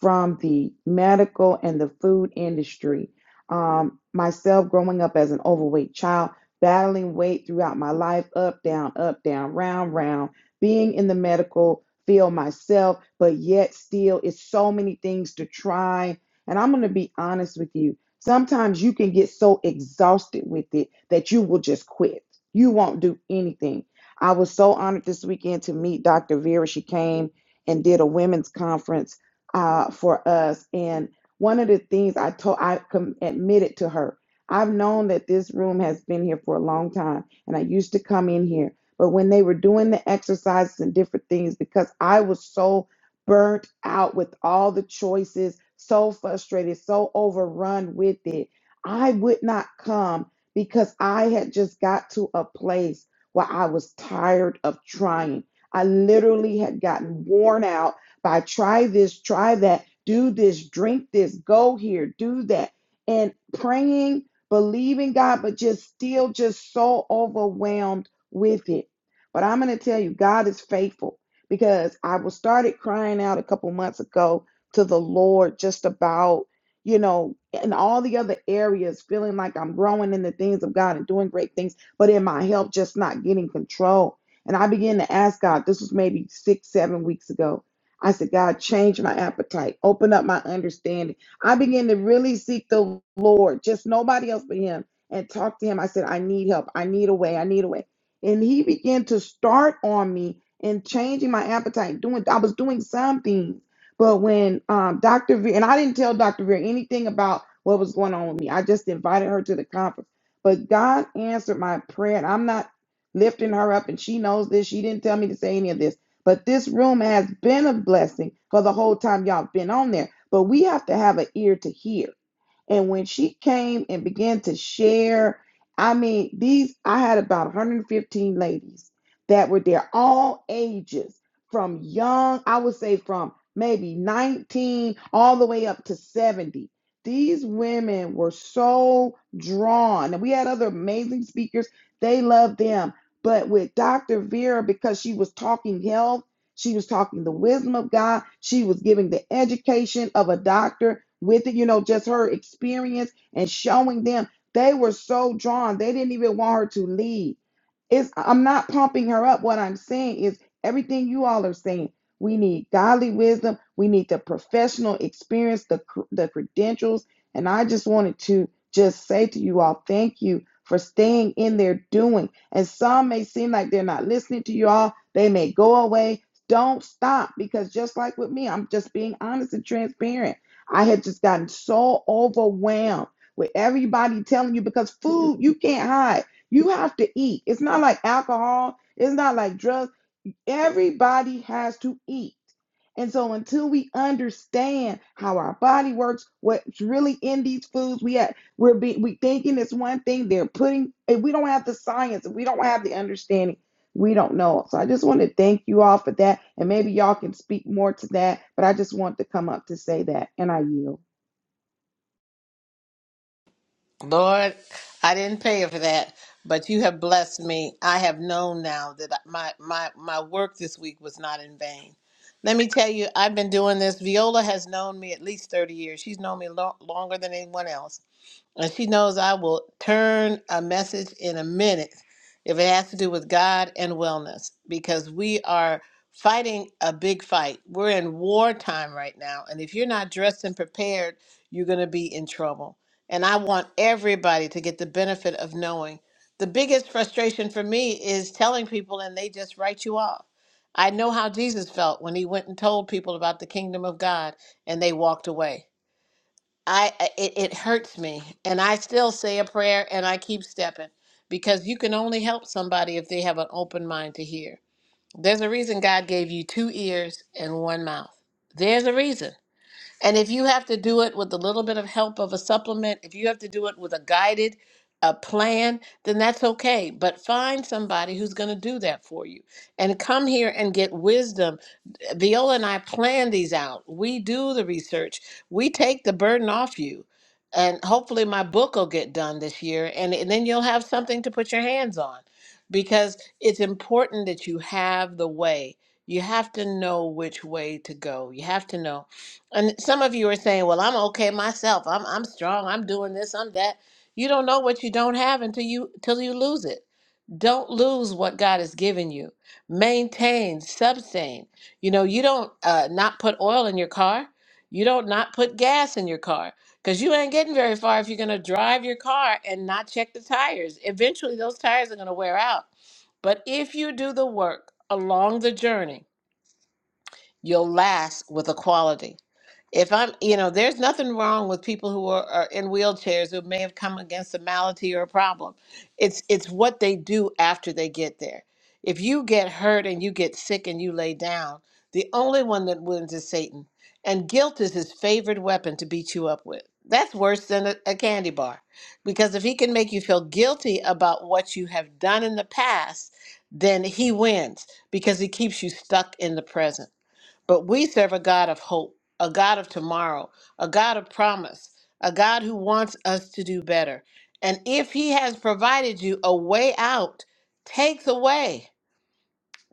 from the medical and the food industry. Um, myself growing up as an overweight child, battling weight throughout my life, up, down, up, down, round, round, being in the medical field myself, but yet still it's so many things to try. And I'm going to be honest with you. Sometimes you can get so exhausted with it that you will just quit. You won't do anything. I was so honored this weekend to meet Dr. Vera. She came and did a women's conference uh, for us. And one of the things I told, I com- admitted to her, I've known that this room has been here for a long time, and I used to come in here. But when they were doing the exercises and different things, because I was so burnt out with all the choices, so frustrated, so overrun with it, I would not come because I had just got to a place where I was tired of trying. I literally had gotten worn out by try this, try that, do this, drink this, go here, do that. And praying, believing God, but just still just so overwhelmed with it. But I'm going to tell you, God is faithful because I was started crying out a couple months ago to the Lord just about, you know, in all the other areas, feeling like I'm growing in the things of God and doing great things, but in my health, just not getting control. And I began to ask God, this was maybe six, seven weeks ago. I said, God, change my appetite, open up my understanding. I began to really seek the Lord, just nobody else but Him, and talk to Him. I said, I need help. I need a way. I need a way. And He began to start on me and changing my appetite. Doing, I was doing some things, but when um, Dr. Veer, and I didn't tell Dr. Veer anything about what was going on with me, I just invited her to the conference. But God answered my prayer, and I'm not lifting her up, and she knows this. She didn't tell me to say any of this but this room has been a blessing for the whole time y'all been on there. But we have to have an ear to hear and when she came and began to share, I mean, these, I had about 115 ladies that were there, all ages, from young, I would say from maybe 19 all the way up to 70. These women were so drawn. And we had other amazing speakers, they loved them. But with Dr. Vera, because she was talking health, she was talking the wisdom of God, she was giving the education of a doctor with it, you know, just her experience and showing them. They were so drawn. They didn't even want her to leave. It's I'm not pumping her up. What I'm saying is everything you all are saying. We need godly wisdom. We need the professional experience, the cr- the credentials. And I just wanted to just say to you all, thank you for staying in there doing. And some may seem like they're not listening to you all. They may go away. Don't stop because just like with me, I'm just being honest and transparent. I had just gotten so overwhelmed with everybody telling you because food you can't hide. You have to eat. It's not like alcohol, it's not like drugs. Everybody has to eat. And so until we understand how our body works, what's really in these foods we have, we're be, we thinking it's one thing they're putting if we don't have the science, if we don't have the understanding, we don't know. So I just want to thank you all for that and maybe y'all can speak more to that, but I just want to come up to say that and I yield. Lord, I didn't pay for that, but you have blessed me. I have known now that my my my work this week was not in vain. Let me tell you, I've been doing this. Viola has known me at least 30 years. She's known me lo- longer than anyone else. And she knows I will turn a message in a minute if it has to do with God and wellness, because we are fighting a big fight. We're in wartime right now. And if you're not dressed and prepared, you're going to be in trouble. And I want everybody to get the benefit of knowing. The biggest frustration for me is telling people and they just write you off. I know how Jesus felt when he went and told people about the kingdom of God and they walked away. I I- it, it hurts me and I still say a prayer and I keep stepping because you can only help somebody if they have an open mind to hear. There's a reason God gave you two ears and one mouth. There's a reason. And if you have to do it with a little bit of help of a supplement, if you have to do it with a guided a plan, then that's okay, but find somebody who's going to do that for you and come here and get wisdom Viola and I plan these out. We do the research. We take the burden off you. And hopefully my book will get done this year and, and then you'll have something to put your hands on. Because it's important that you have the way. You have to know which way to go. You have to know. And some of you are saying, Well, I'm okay myself. I'm I'm strong. I'm doing this, I'm that. You don't know what you don't have until you till you lose it don't lose what God has given you. Maintain, sustain. You know, you don't uh, not put oil in your car. You don't not put gas in your car because you ain't getting very far if you're going to drive your car and not check the tires. Eventually, those tires are going to wear out. But if you do the work along the journey, you'll last with a quality if I'm, you know, there's nothing wrong with people who are, are in wheelchairs who may have come against a malady or a problem. It's it's what they do after they get there. If you get hurt and you get sick and you lay down, the only one that wins is Satan, and guilt is his favorite weapon to beat you up with. That's worse than a, a candy bar, because if he can make you feel guilty about what you have done in the past, then he wins because he keeps you stuck in the present. But we serve a God of hope, a God of tomorrow, a God of promise, a God who wants us to do better. And if He has provided you a way out, take the way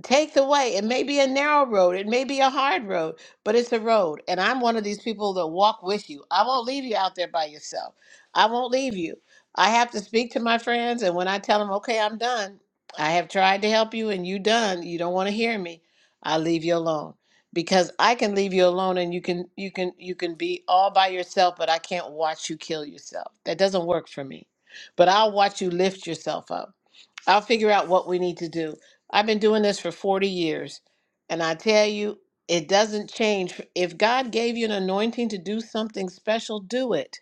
take the way. It may be a narrow road, it may be a hard road, but it's a road. And I'm one of these people that walk with you. I won't leave you out there by yourself. I won't leave you. I have to speak to my friends, and when I tell them, okay, I'm done, I have tried to help you and you done, you don't want to hear me, I leave you alone. Because I can leave you alone and you can you can you can be all by yourself, but I can't watch you kill yourself. That doesn't work for me. But I'll watch you lift yourself up. I'll figure out what we need to do. I've been doing this for 40 years, and I tell you, it doesn't change. If God gave you an anointing to do something special, do it.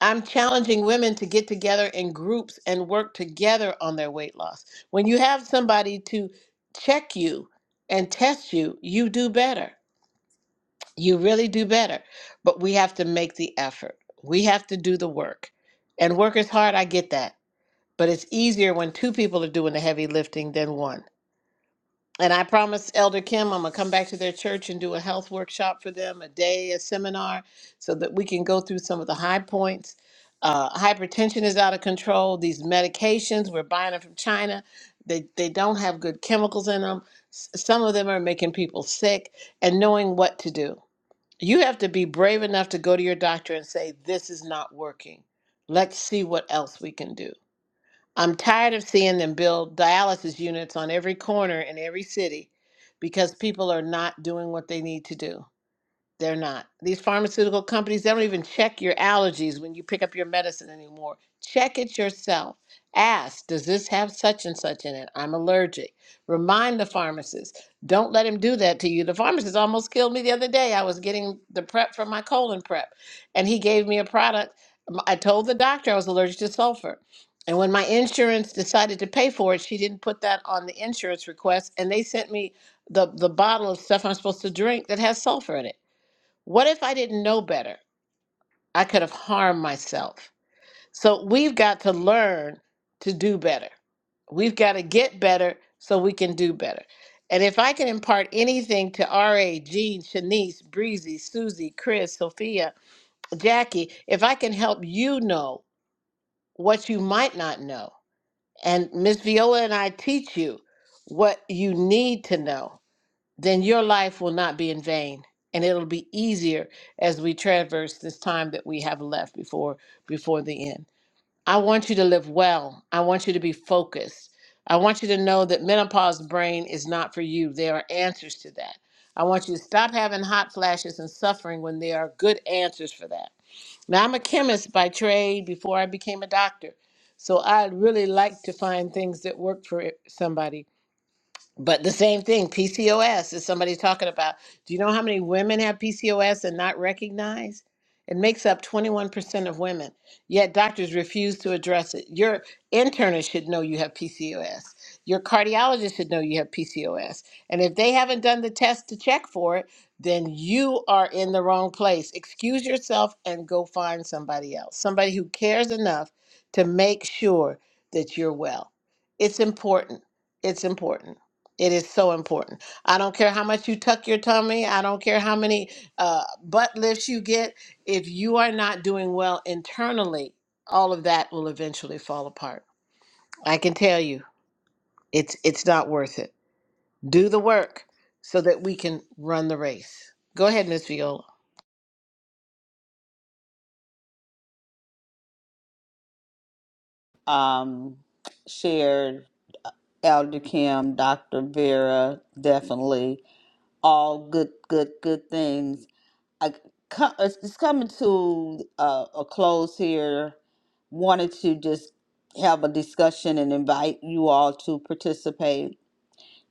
I'm challenging women to get together in groups and work together on their weight loss. When you have somebody to check you and test you, you do better. You really do better. But we have to make the effort, we have to do the work. And work is hard, I get that but it's easier when two people are doing the heavy lifting than one. And I promised Elder Kim I'm gonna come back to their church and do a health workshop for them, a day, a seminar, so that we can go through some of the high points. Uh, hypertension is out of control. These medications we're buying them from China, they they don't have good chemicals in them. S- some of them are making people sick. And knowing what to do, you have to be brave enough to go to your doctor and say, "This is not working. Let's see what else we can do." I'm tired of seeing them build dialysis units on every corner in every city because people are not doing what they need to do. They're not. These pharmaceutical companies, they don't even check your allergies when you pick up your medicine anymore. Check it yourself. Ask, does this have such and such in it? I'm allergic. Remind the pharmacist. Don't let him do that to you. The pharmacist almost killed me the other day. I was getting the prep for my colon prep, and he gave me a product. M- I told the doctor I was allergic to sulfur. And when my insurance decided to pay for it, she didn't put that on the insurance request, and they sent me the, the bottle of stuff I'm supposed to drink that has sulfur in it. What if I didn't know better? I could have harmed myself. So we've got to learn to do better. We've got to get better so we can do better. And if I can impart anything to RA, Jean, Shanice, Breezy, Susie, Chris, Sophia, Jackie, if I can help you know what you might not know, and Miss Viola and I teach you what you need to know, then your life will not be in vain and it'll be easier as we traverse this time that we have left before before the end i want you to live well i want you to be focused i want you to know that menopause brain is not for you there are answers to that i want you to stop having hot flashes and suffering when there are good answers for that now i'm a chemist by trade before i became a doctor so i really like to find things that work for somebody but the same thing, PCOS is somebody talking about. Do you know how many women have PCOS and not recognized? It makes up 21% of women, yet doctors refuse to address it. Your internist should know you have PCOS. Your cardiologist should know you have PCOS. And if they haven't done the test to check for it, then you are in the wrong place. Excuse yourself and go find somebody else, somebody who cares enough to make sure that you're well. It's important. It's important. It is so important. I don't care how much you tuck your tummy. I don't care how many uh, butt lifts you get. If you are not doing well internally, all of that will eventually fall apart. I can tell you, it's it's not worth it. Do the work so that we can run the race. Go ahead, Miss Viola. Um, shared Elder Kim, Dr. Vera, definitely all good, good, good things. I co- it's it's coming to uh, a close here. Wanted to just have a discussion and invite you all to participate.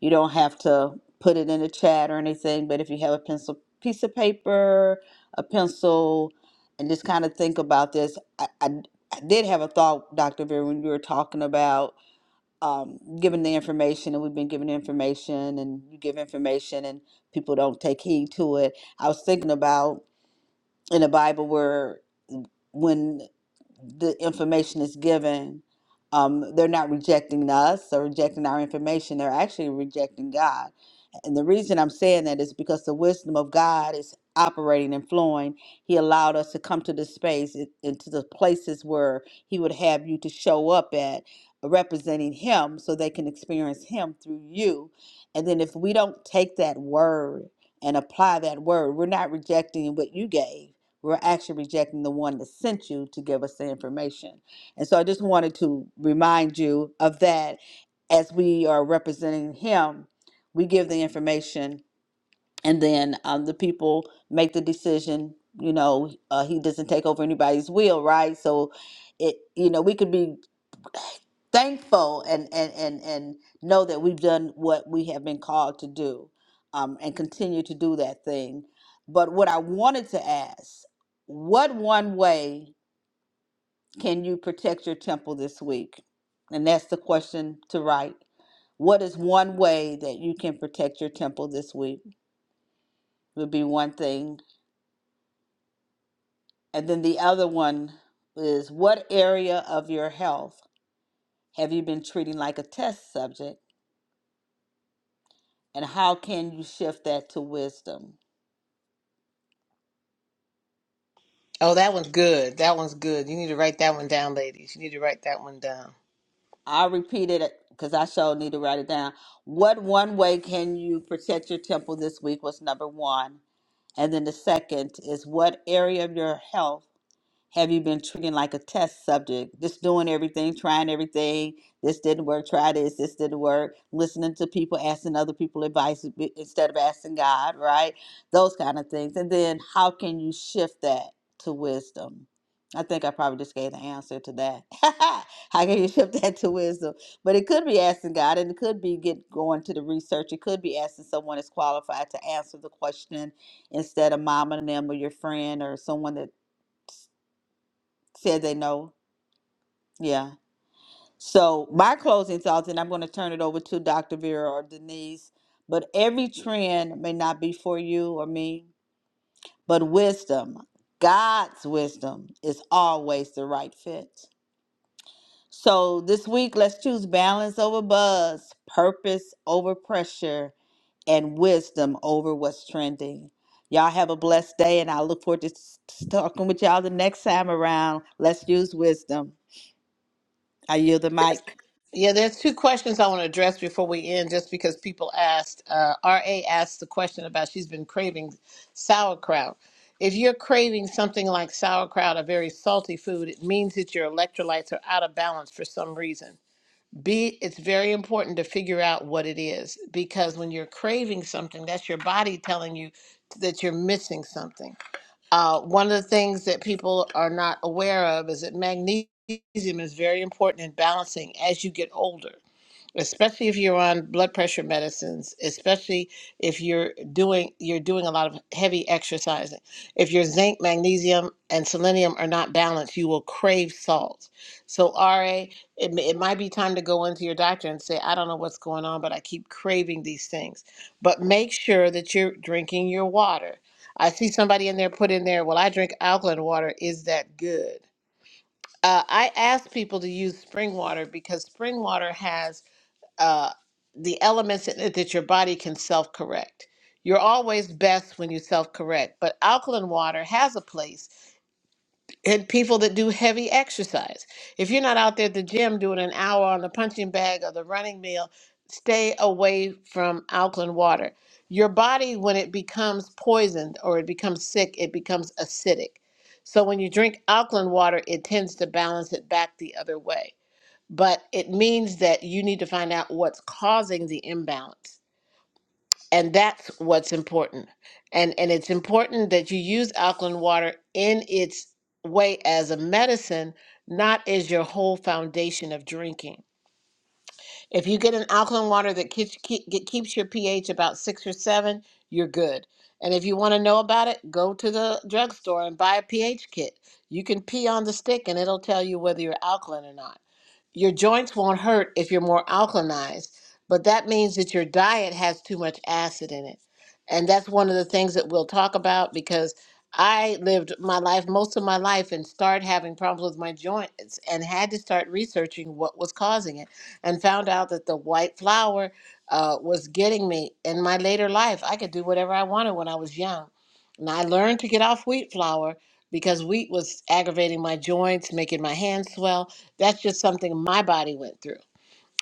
You don't have to put it in the chat or anything, but if you have a pencil, piece of paper, a pencil, and just kind of think about this. I, I, I did have a thought, Dr. Vera, when you were talking about um, giving the information, and we've been giving information, and you give information, and people don't take heed to it. I was thinking about in the Bible where when the information is given, um, they're not rejecting us or rejecting our information. They're actually rejecting God. And the reason I'm saying that is because the wisdom of God is operating and flowing. He allowed us to come to this space and and to the places where He would have you to show up at, representing Him so they can experience Him through you. And then if we don't take that word and apply that word, we're not rejecting what you gave we're actually rejecting the one that sent you to give us the information. And so I just wanted to remind you of that as we are representing him, we give the information and then um, the people make the decision. You know, uh, he doesn't take over anybody's will, right? So it, you know, we could be thankful and and and and know that we've done what we have been called to do um, and continue to do that thing but what i wanted to ask what one way can you protect your temple this week and that's the question to write what is one way that you can protect your temple this week would be one thing and then the other one is what area of your health have you been treating like a test subject And how can you shift that to wisdom? Oh, that one's good. That one's good. You need to write that one down, ladies. You need to write that one down. I repeat it because I sure need to write it down. What one way can you protect your temple this week was number one. And then the second is what area of your health Have you been treating like a test subject, just doing everything, trying everything? This didn't work, try this, this didn't work. Listening to people, asking other people advice b- instead of asking God, right? Those kind of things. And then how can you shift that to wisdom? I think I probably just gave the answer to that. how can you shift that to wisdom? But it could be asking God, and it could be get going to the research. It could be asking someone that's qualified to answer the question instead of mom and them or your friend or someone that said they know yeah. So my closing thoughts, and I'm going to turn it over to Dr. Vera or Denise. But every trend may not be for you or me, but wisdom, God's wisdom, is always the right fit. So this week, let's choose balance over buzz, purpose over pressure, and wisdom over what's trending. Y'all have a blessed day, and I look forward to s- talking with y'all the next time around. Let's use wisdom. I yield the mic. Yeah, there's two questions I want to address before we end, just because people asked. Uh, RA asked the question about she's been craving sauerkraut. If you're craving something like sauerkraut, a very salty food, it means that your electrolytes are out of balance for some reason. B, it's very important to figure out what it is because when you're craving something, that's your body telling you that you're missing something. Uh, one of the things that people are not aware of is that magnesium is very important in balancing as you get older especially if you're on blood pressure medicines especially if you're doing you're doing a lot of heavy exercising if your zinc magnesium and selenium are not balanced you will crave salt so ra it, may- it might be time to go into your doctor and say i don't know what's going on but i keep craving these things but make sure that you're drinking your water i see somebody in there put in there well i drink alkaline water is that good uh, i ask people to use spring water because spring water has uh, the elements in it that your body can self correct. You're always best when you self correct, but alkaline water has a place in people that do heavy exercise. If you're not out there at the gym doing an hour on the punching bag or the running meal, stay away from alkaline water. Your body, when it becomes poisoned or it becomes sick, it becomes acidic. So when you drink alkaline water, it tends to balance it back the other way but it means that you need to find out what's causing the imbalance and that's what's important and and it's important that you use alkaline water in its way as a medicine not as your whole foundation of drinking if you get an alkaline water that keeps, keep, get- keeps your ph about six or seven you're good and if you want to know about it go to the drugstore and buy a ph kit you can pee on the stick and it'll tell you whether you're alkaline or not your joints won't hurt if you're more alkalized, but that means that your diet has too much acid in it. And that's one of the things that we'll talk about because I lived my life, most of my life, and started having problems with my joints and had to start researching what was causing it and found out that the white flour uh, was getting me in my later life. I could do whatever I wanted when I was young. And I learned to get off wheat flour because wheat was aggravating my joints, making my hands swell. That's just something my body went through.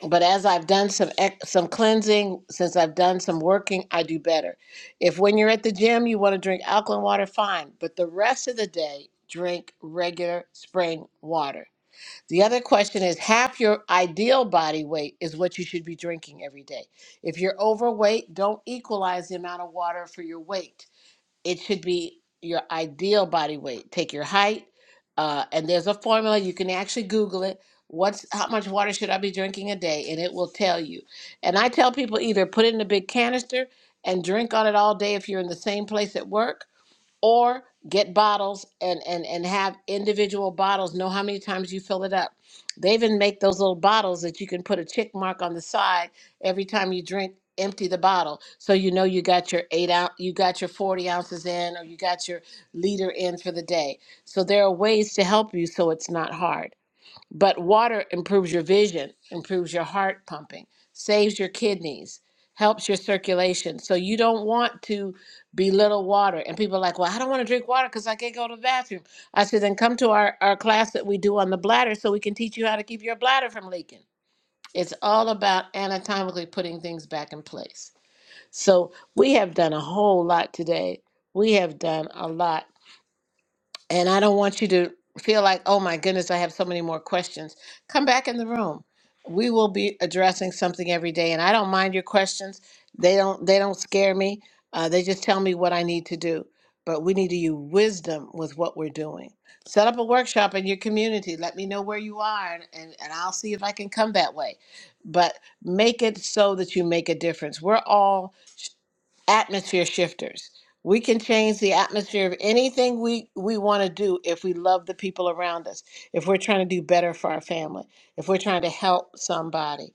But as I've done some ex- some cleansing, since I've done some working, I do better. If when you're at the gym you want to drink alkaline water, fine. But the rest of the day, drink regular spring water. The other question is half your ideal body weight is what you should be drinking every day. If you're overweight, don't equalize the amount of water for your weight it should be your ideal body weight. Take your height, uh, and there's a formula you can actually Google it. What's how much water should I be drinking a day, and it will tell you. And I tell people either put it in a big canister and drink on it all day if you're in the same place at work, or get bottles and and and have individual bottles know how many times you fill it up they even make those little bottles that you can put a tick mark on the side every time you drink empty the bottle so you know you got your eight ounce you got your 40 ounces in or you got your liter in for the day so there are ways to help you so it's not hard but water improves your vision, improves your heart pumping, saves your kidneys, helps your circulation. So you don't want to belittle water. And people are like, well, I don't want to drink water because I can't go to the bathroom. I said, then come to our, our class that we do on the bladder so we can teach you how to keep your bladder from leaking. It's all about anatomically putting things back in place. So we have done a whole lot today. We have done a lot. And I don't want you to feel like, oh my goodness, I have so many more questions. Come back in the room. We will be addressing something every day, and I don't mind your questions. They don't they don't scare me. Uh, they just tell me what I need to do. But we need to use wisdom with what we're doing. Set up a workshop in your community. Let me know where you are, and, and, and I'll see if I can come that way. But make it so that you make a difference. We're all atmosphere shifters. We can change the atmosphere of anything we, we want to do if we love the people around us, if we're trying to do better for our family, if we're trying to help somebody.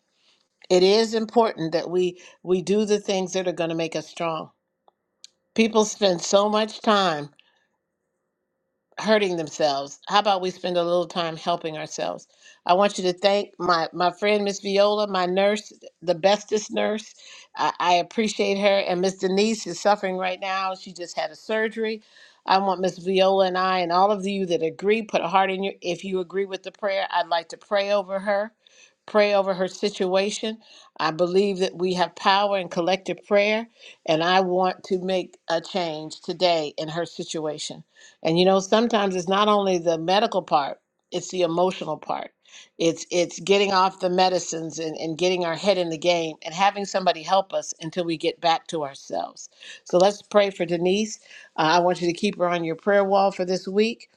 It is important that we, we do the things that are going to make us strong. People spend so much time hurting themselves. How about we spend a little time helping ourselves? I want you to thank my my friend Miss Viola, my nurse, the bestest nurse. I, I appreciate her. And Miss Denise is suffering right now. She just had a surgery. I want Miss Viola and I and all of you that agree, put a heart in your if you agree with the prayer, I'd like to pray over her. Pray over her situation. I believe that we have power in collective prayer, and I want to make a change today in her situation. And you know, sometimes it's not only the medical part, it's the emotional part. It's it's getting off the medicines and, and getting our head in the game and having somebody help us until we get back to ourselves. So let's pray for Denise. Uh, I want you to keep her on your prayer wall for this week.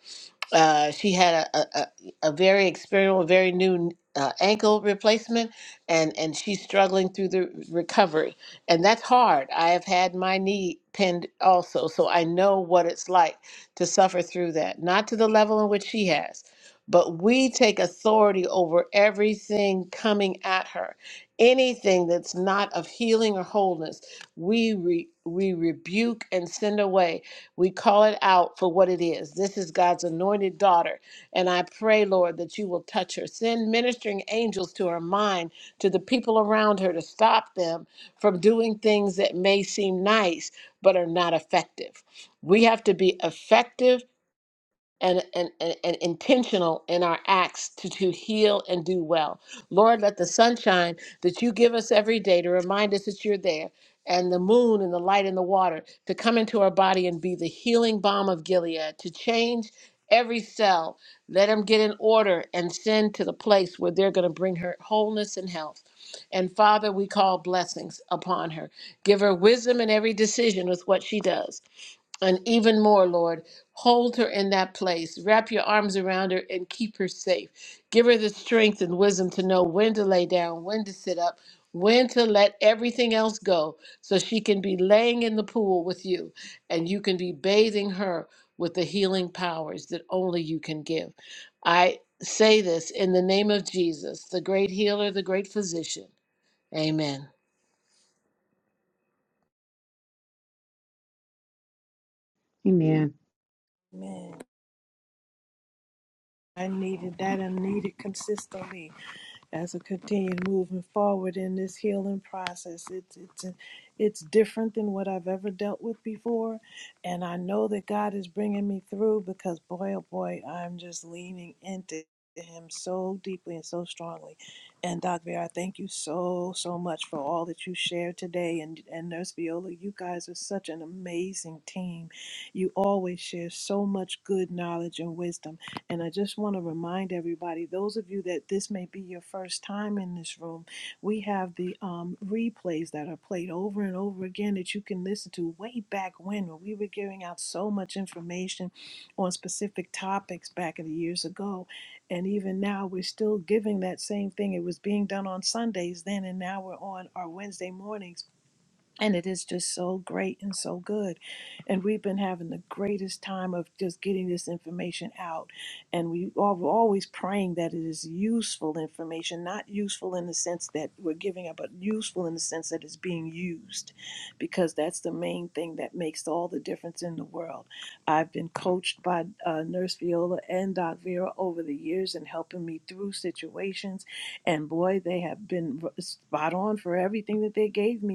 Uh, she had a, a, a a very experimental, very new uh, ankle replacement, and, and she's struggling through the recovery. And that's hard. I have had my knee pinned also, so I know what it's like to suffer through that. Not to the level in which she has, but we take authority over everything coming at her. Anything that's not of healing or wholeness, we, re- we rebuke and send away we call it out for what it is. This is God's anointed daughter. And I pray, Lord, that you will touch her. Send ministering angels to her mind, to the people around her, to stop them from doing things that may seem nice but are not effective. We have to be effective and, and, and, and intentional in our acts to, to heal and do well. Lord, let the sunshine that you give us every day to remind us that you're there, and the moon and the light and the water to come into our body and be the healing balm of Gilead, to change every cell. Let them get in order and send to the place where they're going to bring her wholeness and health. And Father, we call blessings upon her. Give her wisdom in every decision with what she does and even more, Lord, hold her in that place. Wrap your arms around her and keep her safe. Give her the strength and wisdom to know when to lay down, when to sit up, when to let everything else go so she can be laying in the pool with you and you can be bathing her with the healing powers that only you can give. I say this in the name of Jesus, the great healer, the great physician. Amen. Amen. Man, I needed that. I needed consistently. as I continue moving forward in this healing process. It's it's it's different than what I've ever dealt with before, and I know that God is bringing me through because boy oh boy, I'm just leaning into him so deeply and so strongly. And Doc Bear, thank you so so much for all that you shared today and and Nurse Viola, you guys are such an amazing team. You always share so much good knowledge and wisdom and I just want to remind everybody, those of you that this may be your first time in this room, we have the um, replays that are played over and over again that you can listen to way back when, when we were giving out so much information on specific topics back in the years ago. And even now, we're still giving that same thing. It was being done on Sundays then, and now we're on our Wednesday mornings and it is just so great and so good. And we've been having the greatest time of just getting this information out. And we are always praying that it is useful information, not useful in the sense that we're giving up, but useful in the sense that it's being used, because that's the main thing that makes all the difference in the world. I've been coached by uh, Nurse Viola and Doc Vera over the years and helping me through situations. And boy, they have been spot on for everything that they gave me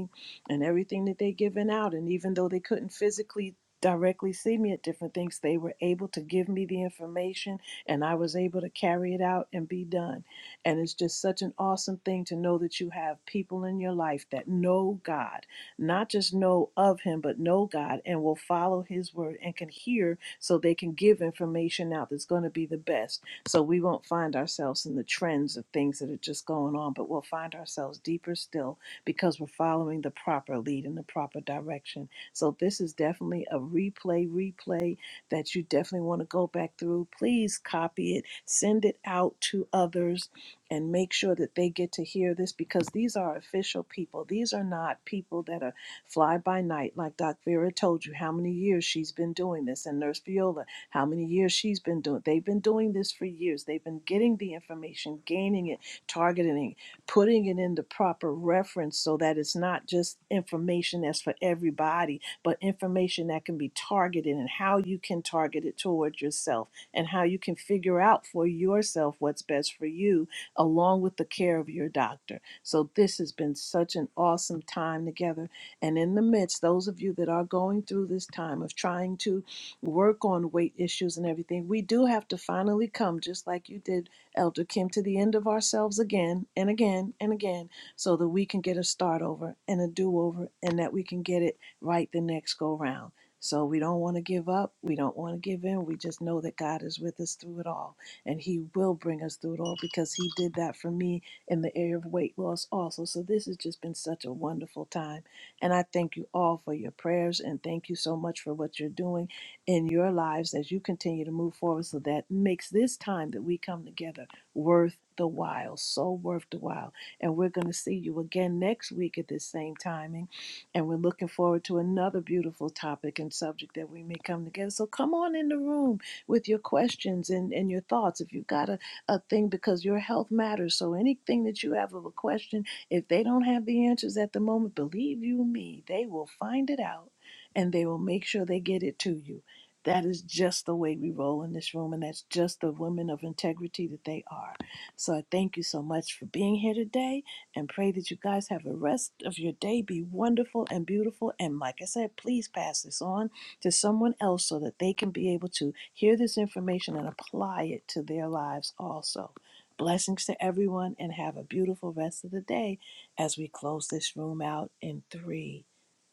and everything that they given out and even though they couldn't physically directly see me at different things they were able to give me the information and i was able to carry it out and be done and it's just such an awesome thing to know that you have people in your life that know god not just know of him but know god and will follow his word and can hear so they can give information out that's going to be the best so we won't find ourselves in the trends of things that are just going on but we'll find ourselves deeper still because we're following the proper lead in the proper direction. So this is definitely a replay, replay that you definitely want to go back through. Please copy it, send it out to others, and make sure that they get to hear this because these are official people. These are not people that are fly by night, like Doc Vera told you how many years she's been doing this, and Nurse Viola, how many years she's been doing. They've been doing this for years. They've been getting the information, gaining it, targeting it, putting it in the proper reference so that it's not just information that's for everybody, but information that can be targeted and how you can target it toward yourself and how you can figure out for yourself what's best for you along with the care of your doctor. So this has been such an awesome time together. And in the midst, those of you that are going through this time of trying to work on weight issues and everything, we do have to finally come, just like you did Elder Kim, to the end of ourselves again and again and again so that we can get a start over and a do over and that we can get it right the next go round. So we don't want to give up. We don't want to give in. We just know that God is with us through it all and He will bring us through it all because He did that for me in the area of weight loss also. So this has just been such a wonderful time. And I thank you all for your prayers and thank you so much for what you're doing in your lives as you continue to move forward so that makes this time that we come together worth the while, so worth the while. And we're going to see you again next week at this same timing. And we're looking forward to another beautiful topic and subject that we may come together. So come on in the room with your questions and, and your thoughts. If you've got a, a thing, because your health matters. So anything that you have of a question, if they don't have the answers at the moment, believe you me, they will find it out and they will make sure they get it to you that is just the way we roll in this room, and that's just the women of integrity that they are. So I thank you so much for being here today and pray that you guys have a rest of your day. Be wonderful and beautiful. And like I said, please pass this on to someone else so that they can be able to hear this information and apply it to their lives also. Blessings to everyone, and have a beautiful rest of the day as we close this room out in three,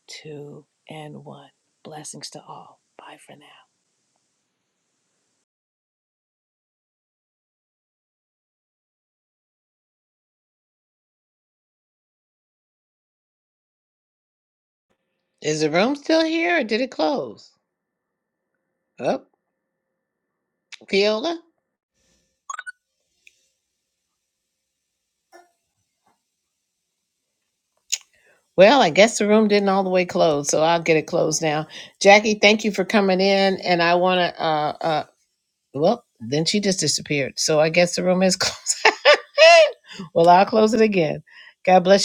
two, and one. Blessings to all. Bye for now. Is the room still here or did it close? Oh, Viola? Well, I guess the room didn't all the way close, so I'll get it closed now. Jackie, thank you for coming in, and I want to. Uh, uh, well, then she just disappeared, so I guess the room is closed. well, I'll close it again. God bless you.